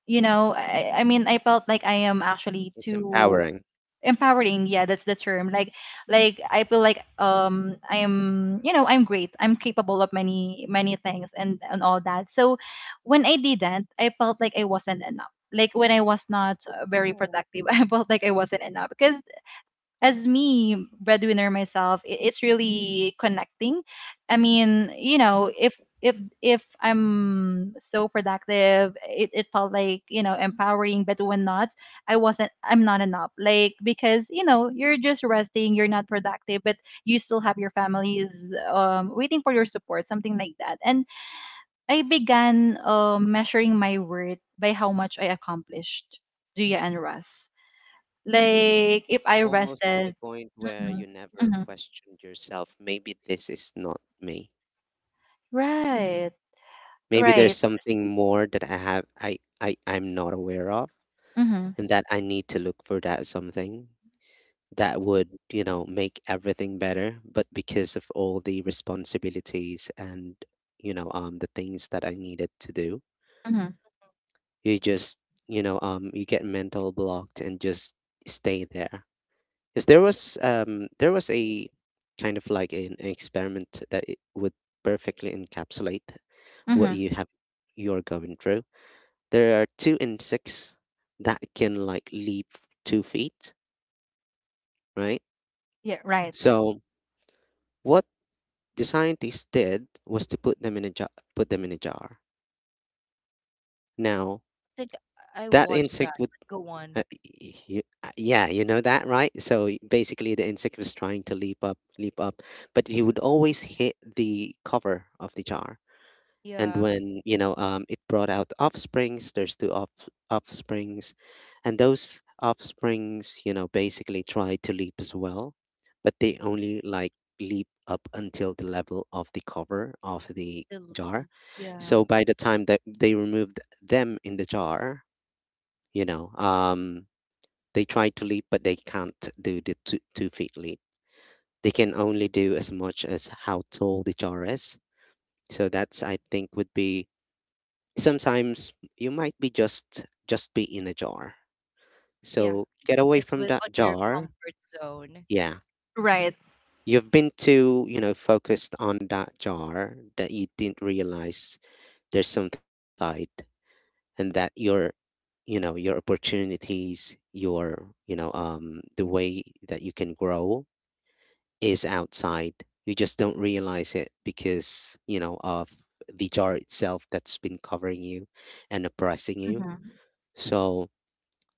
Speaker 1: you know, I mean, I felt like I am actually
Speaker 3: It's
Speaker 1: too
Speaker 3: empowering,
Speaker 1: empowering, yeah, that's the term. Like I feel like, um, I am, you know, I'm great, I'm capable of many many things and all that. So when I didn't, I felt like I wasn't enough. Like when I was not very
Speaker 2: Oh,
Speaker 1: productive, I felt like I wasn't enough because as me breadwinner myself, it's really connecting. I mean, you know, if if I'm so productive, it felt like, you know, empowering. But when not, I wasn't, I'm not enough. Like because, you know, you're just resting, you're not productive, but you still have your families waiting for your support, something like that. And I began measuring my worth by how much I accomplished, Gia and Russ. Like if I
Speaker 3: almost to the
Speaker 1: rested
Speaker 3: point where
Speaker 1: Mhm,
Speaker 3: you never
Speaker 1: mhm.
Speaker 3: questioned yourself. Maybe this is not me.
Speaker 1: Right,
Speaker 3: Maybe there's
Speaker 1: right.
Speaker 3: something more that I have I'm not aware of,
Speaker 1: Mhm,
Speaker 3: and that I need to look for that something that would, make everything better. But because of all the responsibilities and, the things that I needed to do,
Speaker 1: mhm,
Speaker 3: you just you get mental blocked and just stay there. Because there was a kind of like an experiment that it would perfectly encapsulate what
Speaker 1: mhm.
Speaker 3: you have you're going through. There are two insects that can like leap 2 feet, right?
Speaker 1: Yeah, right,
Speaker 3: So what the scientists did was to put them in a jar, put them in a jar. Now
Speaker 2: I think I
Speaker 3: that
Speaker 2: watched
Speaker 3: insect
Speaker 2: that.
Speaker 3: would,
Speaker 2: Go on.
Speaker 3: uh, you, yeah, you know that, right? So basically, the insect was trying to leap up, but he would always hit the cover of the jar. And
Speaker 2: Yeah.
Speaker 3: when it brought out offsprings, there's two offsprings. And those offsprings, you know, basically try to leap as well, but they only like leap up until the level of the cover of the jar.
Speaker 2: Delete. Yeah.
Speaker 3: So by the time that they removed them in the jar, you know um they try to leap, but they can't do the two, 2 feet leap. They can only do as much as how tall the jar is. So that's, I think, would be sometimes you might be just be in a jar,
Speaker 2: Yeah.
Speaker 3: so get away
Speaker 2: Just
Speaker 3: from
Speaker 2: with
Speaker 3: that
Speaker 2: on your
Speaker 3: jar.
Speaker 2: comfort zone.
Speaker 3: Yeah,
Speaker 1: right.
Speaker 3: you've been too, you know, focused on that jar that you didn't realize there's something outside. And that your, you know, your opportunities, your, you know, the way that you can grow is outside. You just don't realize it because, you know, of the jar itself that's been covering you and oppressing you.
Speaker 1: Mhm.
Speaker 3: So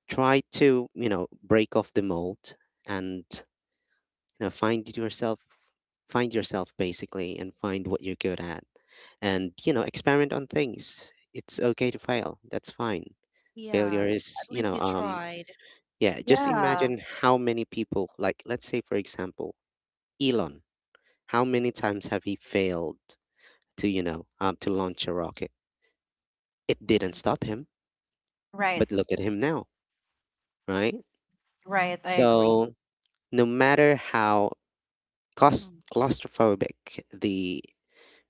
Speaker 3: try to, you know, break off the mold, and, you know, find yourself. Find yourself, basically, and find what you're good at. And, you know, experiment on things. It's okay to fail, that's fine.
Speaker 2: Yeah.
Speaker 3: Failure is,
Speaker 2: At
Speaker 3: you
Speaker 2: least
Speaker 3: know
Speaker 2: you
Speaker 3: um
Speaker 2: tried.
Speaker 3: Yeah, just
Speaker 1: Yeah,
Speaker 3: imagine how many people, like, let's say for example, Elon. How many times have he failed to to launch a rocket? It didn't
Speaker 2: Mm-hmm.
Speaker 3: stop him,
Speaker 1: right,
Speaker 3: but look at him now, right?
Speaker 1: right. I agree.
Speaker 3: So no matter how
Speaker 2: Mm-hmm.
Speaker 3: claustrophobic the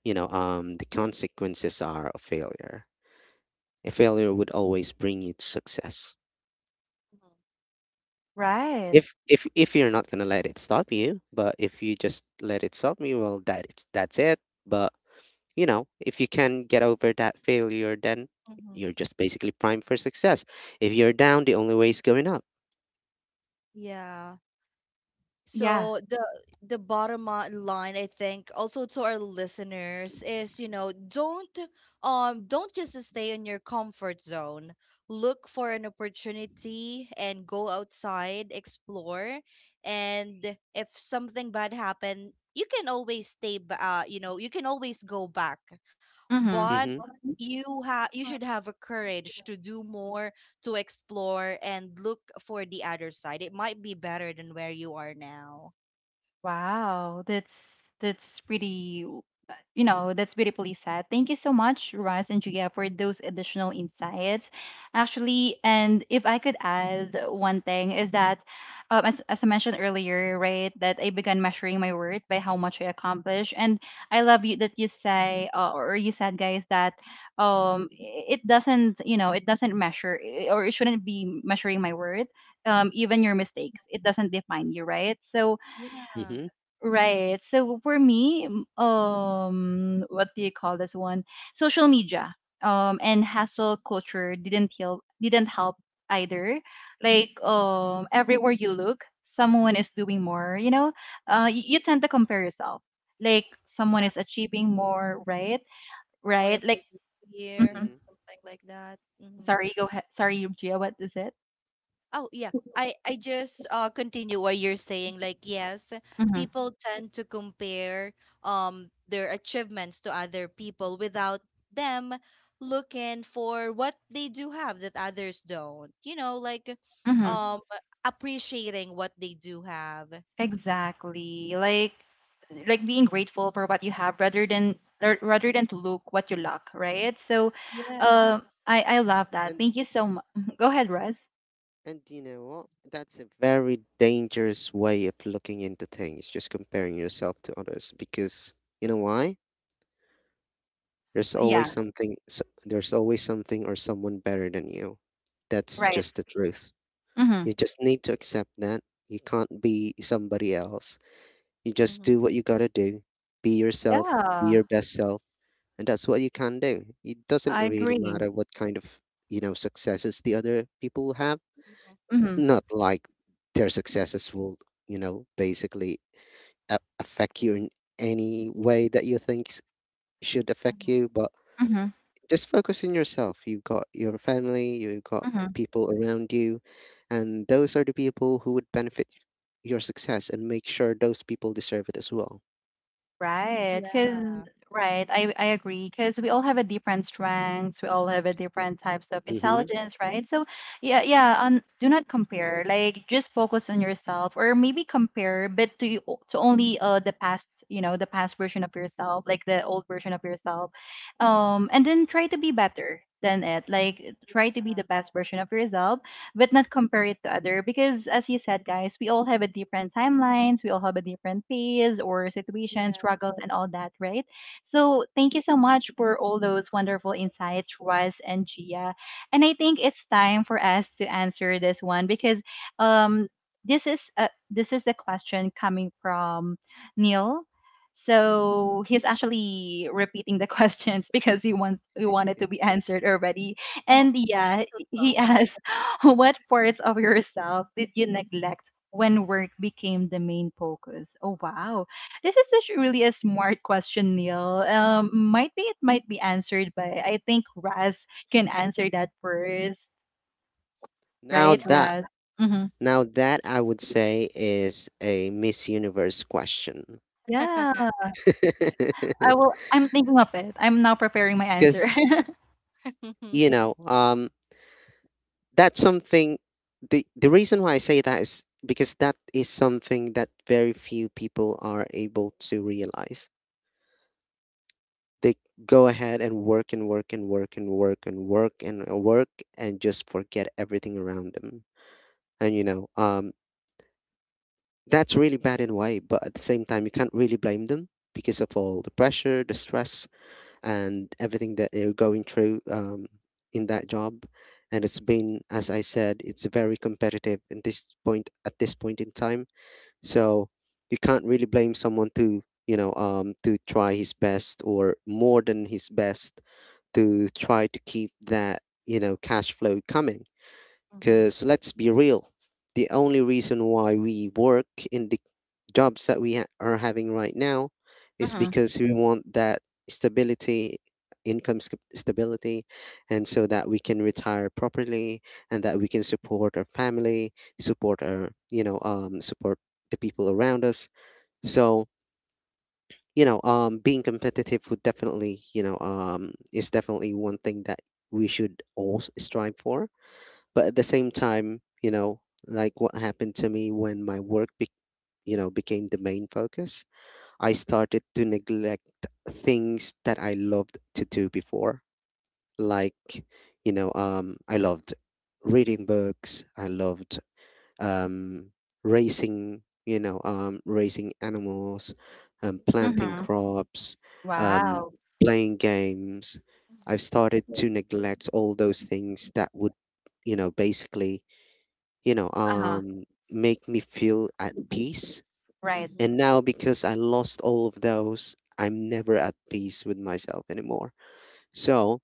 Speaker 3: you know um the consequences are of failure. A failure would always bring you to success.
Speaker 2: Mm-hmm.
Speaker 1: Right.
Speaker 3: If you're not gonna let it stop you, but if you just let it stop you, well, that's it. But, you know, if you can get over that failure, then
Speaker 2: Hmm.
Speaker 3: you're just basically primed for success. If you're down, the only way is going up.
Speaker 2: Yeah.
Speaker 1: Yeah.
Speaker 2: So the bottom line, I think also to our listeners is, you know, don't just stay in your comfort zone. Look for an opportunity and go outside, explore, and if something bad happened, you can always stay you know, you can always go back.
Speaker 1: Mhm.
Speaker 2: But
Speaker 3: Mm-hmm.
Speaker 2: you have, you should have a courage to do more, to explore and look for the other side. It might be better than where you are now.
Speaker 1: Wow, that's pretty, you know, that's beautifully said. Thank you so much, Russ and Julia, for those additional insights. Actually, and if I could add one thing is that, as I mentioned earlier, right, that I began measuring my worth by how much I accomplish, and I love you that you say, or you said, guys, that, it doesn't, you know, it doesn't measure, or it shouldn't be measuring my worth. Even your mistakes, it doesn't define you, right? So
Speaker 2: Yeah.
Speaker 3: Mm-hmm.
Speaker 1: right. So for me, what do you call this one? Social media, and hustle culture didn't help. Didn't help either. Like, everywhere you look, someone is doing more. You know, you, you tend to compare yourself. Like, someone is achieving more, right?
Speaker 2: Why am
Speaker 1: Right.
Speaker 2: I
Speaker 1: Like,
Speaker 2: just here?
Speaker 1: mhm.
Speaker 3: Mm-hmm.
Speaker 2: Something like that. Hmm.
Speaker 1: Sorry, go ahead. Sorry, Gia, what is it?
Speaker 2: Oh yeah, I just uh, continue what you're saying. Like yes,
Speaker 1: Mm-hmm.
Speaker 2: people tend to compare their achievements to other people without them looking for what they do have that others don't. You know, like um appreciating what they do have.
Speaker 1: Exactly. Like being grateful for what you have rather than rather than to look what you lack, right?
Speaker 2: Yeah.
Speaker 1: Uh, I love that.
Speaker 3: And
Speaker 1: Thank you so much. Go ahead, Russ.
Speaker 3: And you know what? That's a very dangerous way of looking into things, just comparing yourself to others. Because you know why? There's
Speaker 1: Yeah,
Speaker 3: always something, there's always something or someone better than you. That's
Speaker 1: right.
Speaker 3: just the truth.
Speaker 1: Mhm.
Speaker 3: You just need to accept that. You can't be somebody else. You just
Speaker 2: Mm-hmm.
Speaker 3: do what you gotta do. Be yourself, be
Speaker 1: Yeah,
Speaker 3: your best self, and that's what you can do. It doesn't
Speaker 1: I
Speaker 3: really
Speaker 1: agree.
Speaker 3: matter what kind of, you know, successes the other people have,
Speaker 1: Mhm.
Speaker 3: not like their successes will, you know, basically affect you in any way that you should affect
Speaker 2: Mhm.
Speaker 3: you, but
Speaker 1: Mhm.
Speaker 3: just focus on yourself. You've got your family, you've got
Speaker 1: Mhm.
Speaker 3: people around you, and those are the people who would benefit your success, and make sure those people deserve it as well.
Speaker 1: Right,
Speaker 2: Yeah.
Speaker 1: because right, I agree. Because we all have a different strengths, we all have a different types of
Speaker 3: Hmm.
Speaker 1: intelligence, right? So yeah, yeah. On do not compare. Like just focus on yourself, or maybe compare, but to only the past, you know, the past version of yourself, like the old version of yourself, and then try to be better than it. Like try to be the
Speaker 2: Yeah.
Speaker 1: best version of yourself but not compare it to other because as you said guys we all have a different timelines we all have a different phase or situation
Speaker 2: Yes.
Speaker 1: struggles and all that, right? So thank you so much for all those wonderful insights, Ruaz and Gia, and I think it's time for us to answer this one because um this is a question coming from Neil. So he's actually repeating the questions because he wanted to be answered already.
Speaker 2: Oh,
Speaker 1: And yeah,
Speaker 2: so
Speaker 1: he
Speaker 2: sorry.
Speaker 1: asked what parts of yourself did you neglect when work became the main focus? Oh wow, this is such really a smart question, Neil. Might be it might be answered by, I think, Raz can answer that first,
Speaker 3: Now
Speaker 1: right,
Speaker 3: that
Speaker 1: Raz? Mm-hmm.
Speaker 3: now that I would say is a Miss Universe question.
Speaker 1: Yeah, I will. I'm thinking of it. I'm now preparing my answer.
Speaker 3: Because, you know, that's something, the reason why I say that is because that is something that very few people are able to realize. They go ahead and work and work and work and work and work and work, and just forget everything around them. And, you know, that's really bad in a way, but at the same time, you can't really blame them because of all the pressure, the stress, and everything that you're going through in that job. And it's been, as I said, it's very competitive in this point in time. So you can't really blame someone to to try his best or more than his best, to try to keep that, you know, cash flow coming,
Speaker 2: Mhm. Mhm.
Speaker 3: because let's be real, the only reason why we work in the jobs that we are having right now is
Speaker 1: Mm-hmm.
Speaker 3: because we want that stability, stability, and so that we can retire properly, and that we can support our family, support our, you know, support the people around us. So, you know, being competitive would definitely, you know, is definitely one thing that we should all strive for. But at the same time, you know, like what happened to me when my you know, became the main focus, I started to neglect things that I loved to do before. Like, you know, um, I loved reading books, I loved, um, racing, you know, um, racing animals, um, planting
Speaker 1: Mm-hmm.
Speaker 3: crops, um,
Speaker 1: Wow.
Speaker 3: playing games. I've
Speaker 2: Mhm.
Speaker 3: started to neglect all those things that would, you know, basically, you know,
Speaker 1: Uh-huh.
Speaker 3: make me feel at peace.
Speaker 1: Right.
Speaker 2: Mhm.
Speaker 3: And now, because I lost all of those, I'm never at peace with myself anymore. So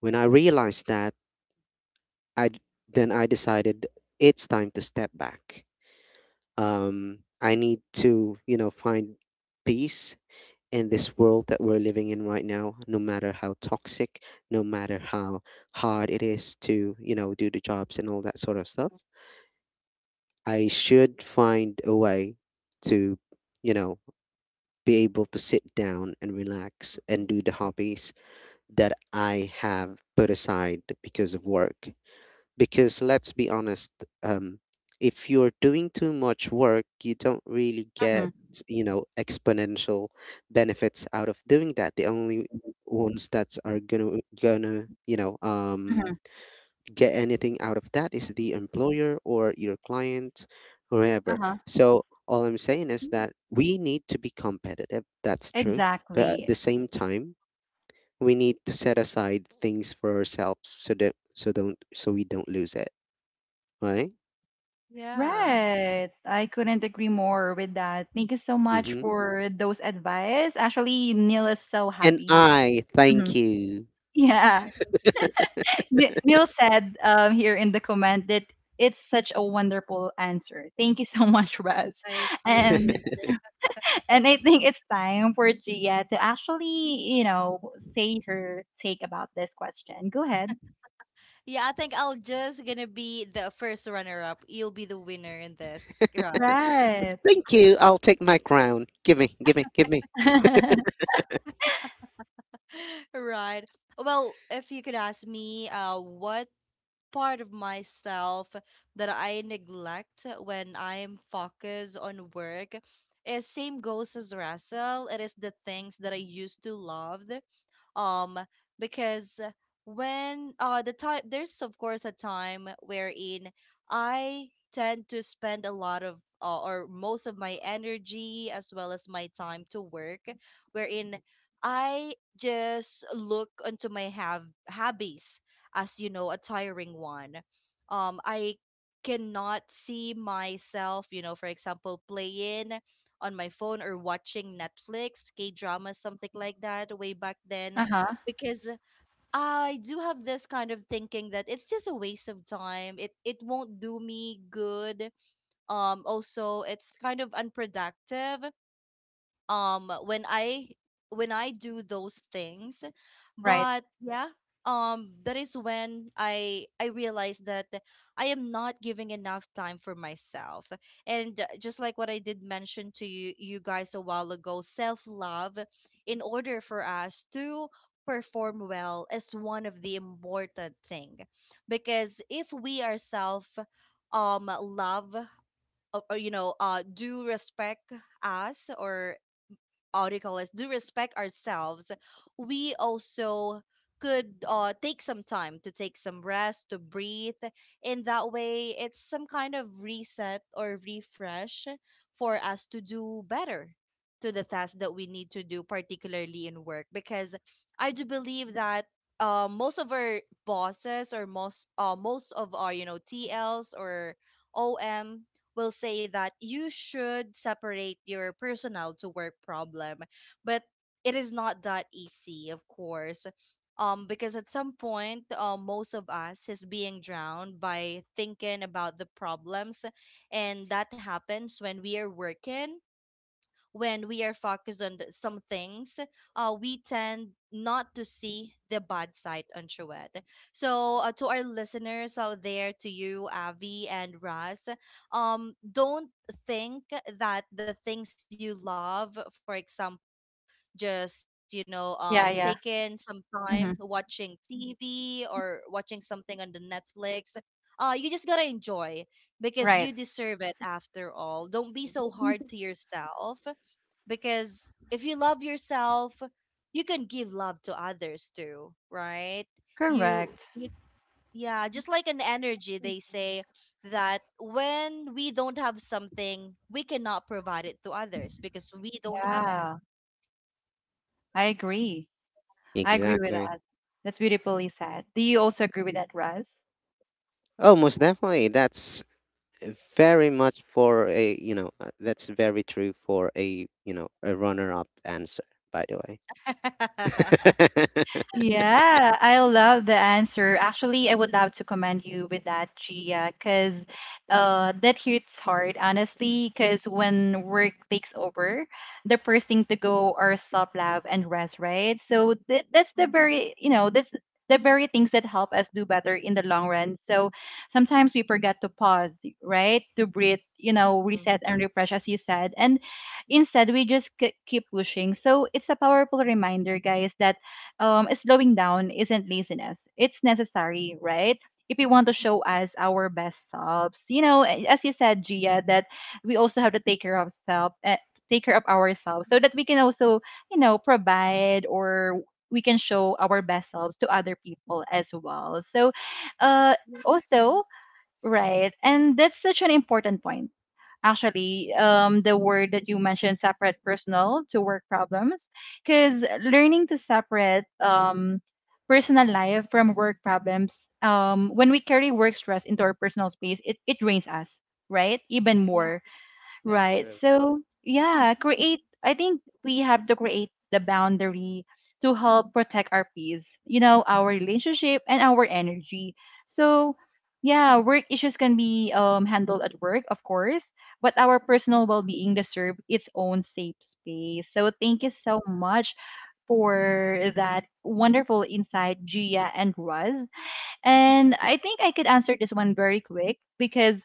Speaker 3: when I realized that, I d- then I decided it's time to step back. I need to, you know, find peace in this world that we're living in right now. No matter how toxic, no matter how hard it is to, you know, do the jobs and all that sort of stuff, I should find a way to, you know, be able to sit down and relax and
Speaker 2: Mhm.
Speaker 3: do the hobbies that I have put aside because of work. Because let's be honest, um, if you're doing too much work, you don't really
Speaker 1: Mm-hmm.
Speaker 3: get, you know, exponential benefits out of doing that. The only ones that are gonna, you know,
Speaker 1: Mm-hmm.
Speaker 3: get anything out of that is the employer or your client, whoever.
Speaker 1: Uh-huh.
Speaker 3: So all I'm saying is that we need to be competitive. That's true, but at
Speaker 1: Exactly.
Speaker 3: the same time, we need to set aside things for ourselves, so that so we don't lose it, right?
Speaker 2: Yeah.
Speaker 1: Right. I couldn't agree more with that. Thank you so much
Speaker 3: Mm-hmm.
Speaker 1: for those advice. Actually, Neil is so
Speaker 3: And
Speaker 1: happy.
Speaker 3: I thank
Speaker 1: Mhm.
Speaker 3: you,
Speaker 1: Yeah. Neil said here in the comment that it's such a wonderful answer. Thank you so much, Russ.
Speaker 2: I agree
Speaker 1: And
Speaker 2: with you.
Speaker 1: and I think it's time for Gia to actually, you know, say her take about this question. Go ahead.
Speaker 2: Yeah, I think I'll just gonna be the first runner up. You'll be the winner in this, Ross.
Speaker 1: Right.
Speaker 3: thank you. I'll take my crown. Give me, give me, give me.
Speaker 2: Right. Well, if you could ask me, what part of myself that I neglect when I'm focused on work. Is same goes as Russell. It is the things that I used to love. Um, because when uh, the time, there's of course a time wherein I tend to spend a lot of or most of my energy as well as my time to work, wherein I just look onto my have hobbies as you know, a tiring one. I cannot see myself, you know, for example, playing on my phone or watching Netflix K dramas, something like that way back then,
Speaker 1: Uh-huh.
Speaker 2: because I do have this kind of thinking that it's just a waste of time, it won't do me good. Um, also, it's kind of unproductive when I when I do those things.
Speaker 1: Right.
Speaker 2: But yeah, that is when I realized that I am not giving enough time for myself. And just like what I did mention to you you guys a while ago, self love, in order for us to perform well, is one of the important thing. Because if we ourselves love, you know, uh, do respect us, or article is do respect ourselves, we also could take some time to take some rest, to breathe. In that way, it's some kind of reset or refresh for us to do better to the tasks that we need to do, particularly in work. Because I do believe that most of our bosses, or most most of our, you know, TLs or OM will say that you should separate your personal to work problem. But it is not that easy, of course. Because at some point, most of us is being drowned by thinking about the problems, and that happens when we are working, when we are focused on the- some things, we tend not to see the bad side on Trued. So to our listeners out there, to you, Avi and Raz, don't think that the things you love, for example, just you know,
Speaker 1: Yeah,
Speaker 2: taking
Speaker 1: yeah.
Speaker 2: some time
Speaker 1: Hmm.
Speaker 2: watching TV or watching something on the Netflix, uh, you just gotta enjoy, because you
Speaker 1: Right.
Speaker 2: deserve it after all. Don't be so hard to yourself, because if you love yourself, you can give love to others too, right? you
Speaker 1: Correct.
Speaker 2: you yeah, just like an energy, they say, that when we don't have something, we cannot provide it to others because we don't have it.
Speaker 1: Yeah. I agree. I agree with
Speaker 3: Exactly.
Speaker 1: that. That's beautifully said. Do you also agree with that, Russ?
Speaker 3: Oh, most definitely. That's very much for a, you know, that's very true for a, you know, a runner up answer, by the way.
Speaker 1: Yeah, I love the answer. Actually, I would love to commend you with that, Gia, because that hits hard, honestly. Because when work takes over, the first thing to go are self love and rest, right? So that's the
Speaker 2: Mhm,
Speaker 1: very, you know, that's the very things that help us do better in the long run. So sometimes we forget to pause, right? To breathe, you know,
Speaker 2: mhm.
Speaker 1: reset and refresh, as you said. And instead, we just keep pushing. So it's a powerful reminder, guys, that slowing down isn't laziness. It's necessary, right? If we want to show us our best selves, you know, a- as you said, Gia, that we also have to take care of self, take care of ourselves, so that we can also, you know, provide or we can show our best selves to other people as well. So, uh,
Speaker 2: Yes.
Speaker 1: also, right, and that's such an important point actually. Um, the word that you mentioned, separate personal to work problems, because learning to separate personal life from work problems, when we carry work stress into our personal space, it drains us, right, even more.
Speaker 2: Yeah.
Speaker 3: That's
Speaker 1: Right.
Speaker 3: true.
Speaker 1: So, yeah, create. I think we have to create the boundary to help protect our peace, you know, our relationship and our energy. So, yeah, work issues can be handled at work, of course, but our personal well being deserves its own safe space. So, thank you
Speaker 2: Yeah.
Speaker 1: so much for that wonderful insight, Gia and Russ. And I think I could answer this one very quick because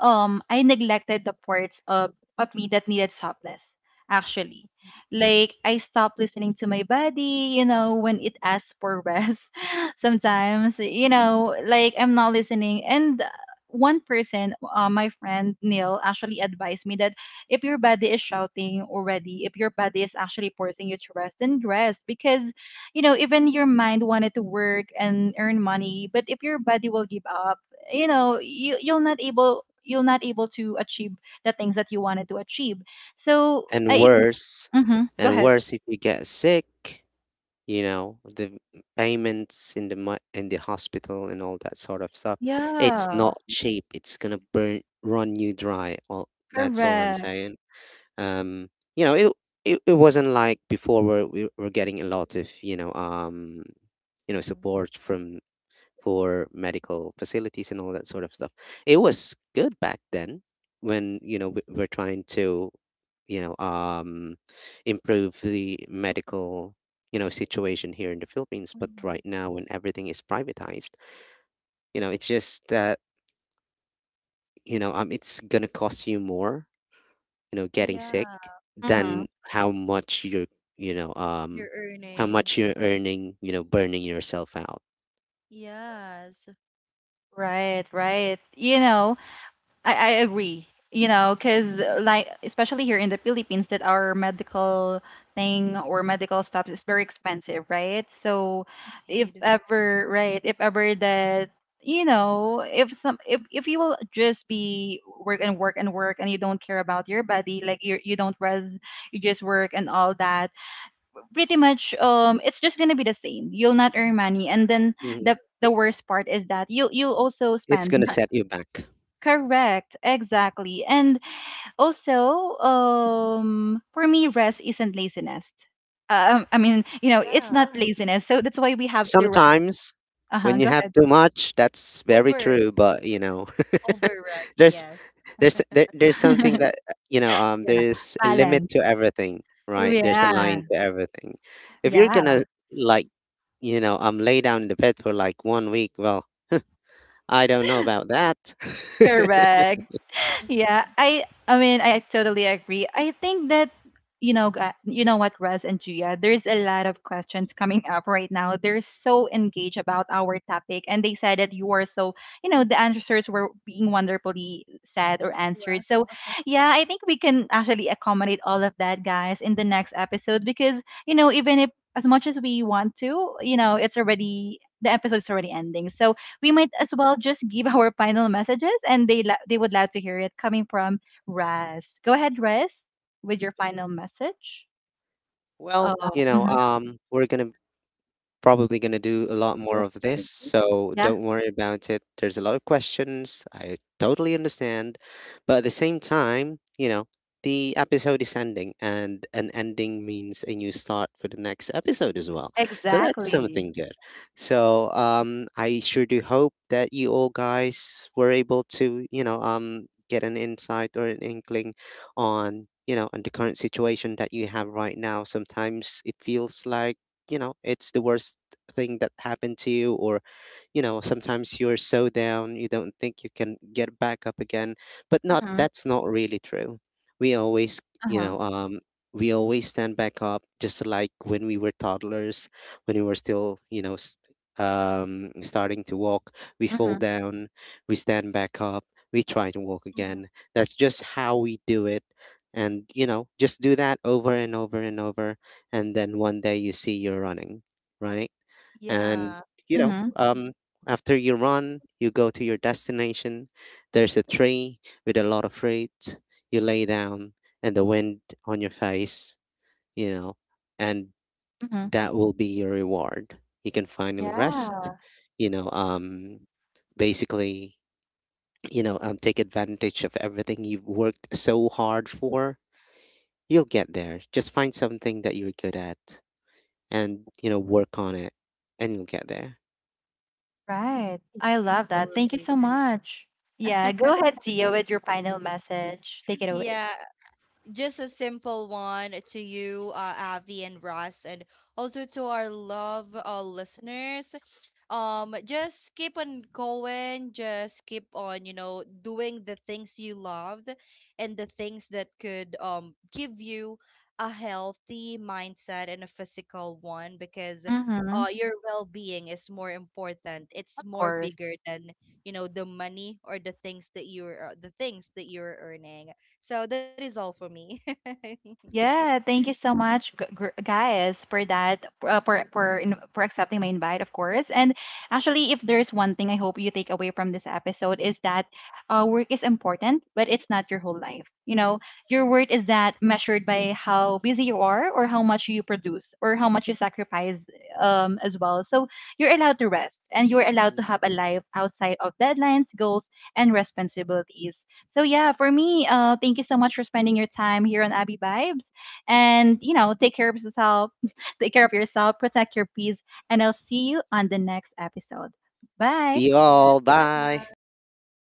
Speaker 1: I neglected the parts of me that needed softness, actually. Like I stopped listening to my body, you know, when it asks for rest. Sometimes, you know, like I'm not listening. And one person, my friend Neil, actually advised me that if your body is shouting already, if your body is actually forcing you to rest, then rest, because you know, even your mind wanted to work and earn money, but if your body will give up, you know, you you'll not able to achieve the things that you wanted to achieve. So
Speaker 3: and
Speaker 1: I
Speaker 3: worse
Speaker 1: mm-hmm, go
Speaker 3: and
Speaker 1: ahead.
Speaker 3: worse if you get sick, you know, the payments in the in the hospital and all that sort of stuff, it's
Speaker 1: Yeah.
Speaker 3: not cheap. It's gonna burn run you dry. All that's all I'm
Speaker 1: Correct.
Speaker 3: saying. Um, you know, it wasn't like before where we were getting a lot of, you know, um, you know,
Speaker 2: Mhm,
Speaker 3: support from, for medical facilities and all that sort of stuff. It was good back then when, you know, we're trying to, you know, um, improve the medical, you know, situation here in the Philippines. But right
Speaker 2: mhm.
Speaker 3: now when everything is privatized, you know, it's just that, you know, um, it's going to cost you more, you know, getting
Speaker 2: Yeah.
Speaker 3: sick
Speaker 1: Mm-hmm.
Speaker 3: than how much you're, you know, um,
Speaker 2: You're
Speaker 3: how
Speaker 2: earning.
Speaker 3: much you're earning, you know, burning yourself out.
Speaker 2: Yes.
Speaker 1: Right, right, you know, I agree. You know, because like especially here in the Philippines, that our medical thing or medical stuff is very expensive, right? So, if
Speaker 2: Indeed.
Speaker 1: ever, right, if ever that you know, if you will just be work and work and work, and you don't care about your body, like you don't rest, you just work and all that, pretty much, it's just gonna be the same. You'll not earn money, and then
Speaker 3: Mhm.
Speaker 1: the worst part is that you'll also
Speaker 3: It's going to
Speaker 1: spend.
Speaker 3: set you back.
Speaker 1: Correct, exactly. And also, for me, rest isn't laziness. I mean, you know, it's
Speaker 2: Yeah.
Speaker 1: not laziness. So that's why we have to rest.
Speaker 3: Sometimes
Speaker 1: Uh-huh,
Speaker 3: when you
Speaker 1: go
Speaker 3: have
Speaker 1: ahead.
Speaker 3: too much, that's very
Speaker 2: Over,
Speaker 3: true, but, you know,
Speaker 2: over rest.
Speaker 3: there's
Speaker 2: Yes.
Speaker 3: there's something that, you know, um,
Speaker 1: Yeah,
Speaker 3: there's a limit
Speaker 1: balance.
Speaker 3: to everything, right? There's a
Speaker 1: Yeah,
Speaker 3: line to everything. If you're
Speaker 1: yeah,
Speaker 3: gonna, like, you know, um, lay down in the bed for like one week, well, I don't know about that.
Speaker 1: correct. Yeah, I mean I totally agree. I think that you know you know what, Russ and Gia, there's a lot of questions coming up right now. They're so engaged about our topic, and they said that you are so, you know, the answers were being wonderfully said or answered.
Speaker 2: Yeah.
Speaker 1: So yeah, I think we can actually accommodate all of that, guys, in the next episode, because you know even if as much as we want to, you know, it's already the episode's already ending. So we might as well just give our final messages, and they they would love to hear it coming from Raz. Go ahead, Raz, with your final message.
Speaker 3: Well,
Speaker 1: Oh,
Speaker 3: you know,
Speaker 1: mhm.
Speaker 3: um, we're gonna probably going to do a lot more of this, so
Speaker 1: Yeah,
Speaker 3: don't worry about it. There's a lot of questions. I totally understand. But at the same time, you know, the episode is ending, and an ending means a new start for the next episode as well. So that's
Speaker 2: Yeah.
Speaker 1: exactly.
Speaker 3: something good. So, I sure do hope that you all guys were able to, you know, get an insight or an inkling on. You know, on the current situation that you have right now, sometimes it feels like, you know, it's the worst thing that happened to you, or, you know, sometimes you're so down you don't think you can get back up again, but not
Speaker 1: Mm-hmm.
Speaker 3: that's not really true. We always, you
Speaker 1: Uh-huh.
Speaker 3: know, um, we always stand back up, just like when we were toddlers, when we were still, you know, s starting to walk. We fall
Speaker 1: Mm-hmm.
Speaker 3: down, we stand back up, we try to walk
Speaker 2: Mhm.
Speaker 3: again. That's just how we do it. And, you know, just do that over and over and over, and then one day you see you're running, right? And,
Speaker 2: Yeah.
Speaker 3: you know,
Speaker 1: Mm-hmm.
Speaker 3: after you run, you go to your destination. There's a tree with a lot of fruit. You lay down, and the wind on your face, you know, and
Speaker 1: Mm-hmm.
Speaker 3: that will be your reward. You can finally rest,
Speaker 1: Yeah,
Speaker 3: you know, basically, you know, take advantage of everything you've worked so hard for. You'll get there. Just find something that you're good at, and, you know, work on it, and you'll get there.
Speaker 1: right. I
Speaker 2: I
Speaker 1: love that. Thank you
Speaker 2: totally
Speaker 1: so
Speaker 2: agree.
Speaker 1: much. Yeah, go ahead, Gia, with your final message. Take it away.
Speaker 2: Yeah, just a simple one to you, Avi and Russ, and also to our love listeners. Just keep on going. Just keep on, you know, doing the things you loved and the things that could um, give you a healthy mindset and a physical one, because
Speaker 1: Mm-hmm.
Speaker 2: uh, your well-being is more important. It's
Speaker 1: Of
Speaker 2: more
Speaker 1: course.
Speaker 2: bigger than, you know, the money or the things that you're the things that you're earning. So that is all for me.
Speaker 1: Yeah, thank you so much, guys, for that, for accepting my invite, of course. And actually, if there's one thing I hope you take away from this episode, is that work is important, but it's not your whole life. You know, your worth is that measured by how busy you are, or how much you produce, or how much you sacrifice, as well. So you're allowed to rest, and you're allowed to
Speaker 3: Mhm.
Speaker 1: have a life outside of deadlines, goals, and responsibilities. So yeah, for me, thank you so much for spending your time here on Abby Vibes, and you know, take care of yourself, take care of yourself, protect your peace, and I'll see you on the next episode. Bye.
Speaker 3: See you
Speaker 2: Yes,
Speaker 3: all,
Speaker 2: bye
Speaker 3: bye.
Speaker 2: bye.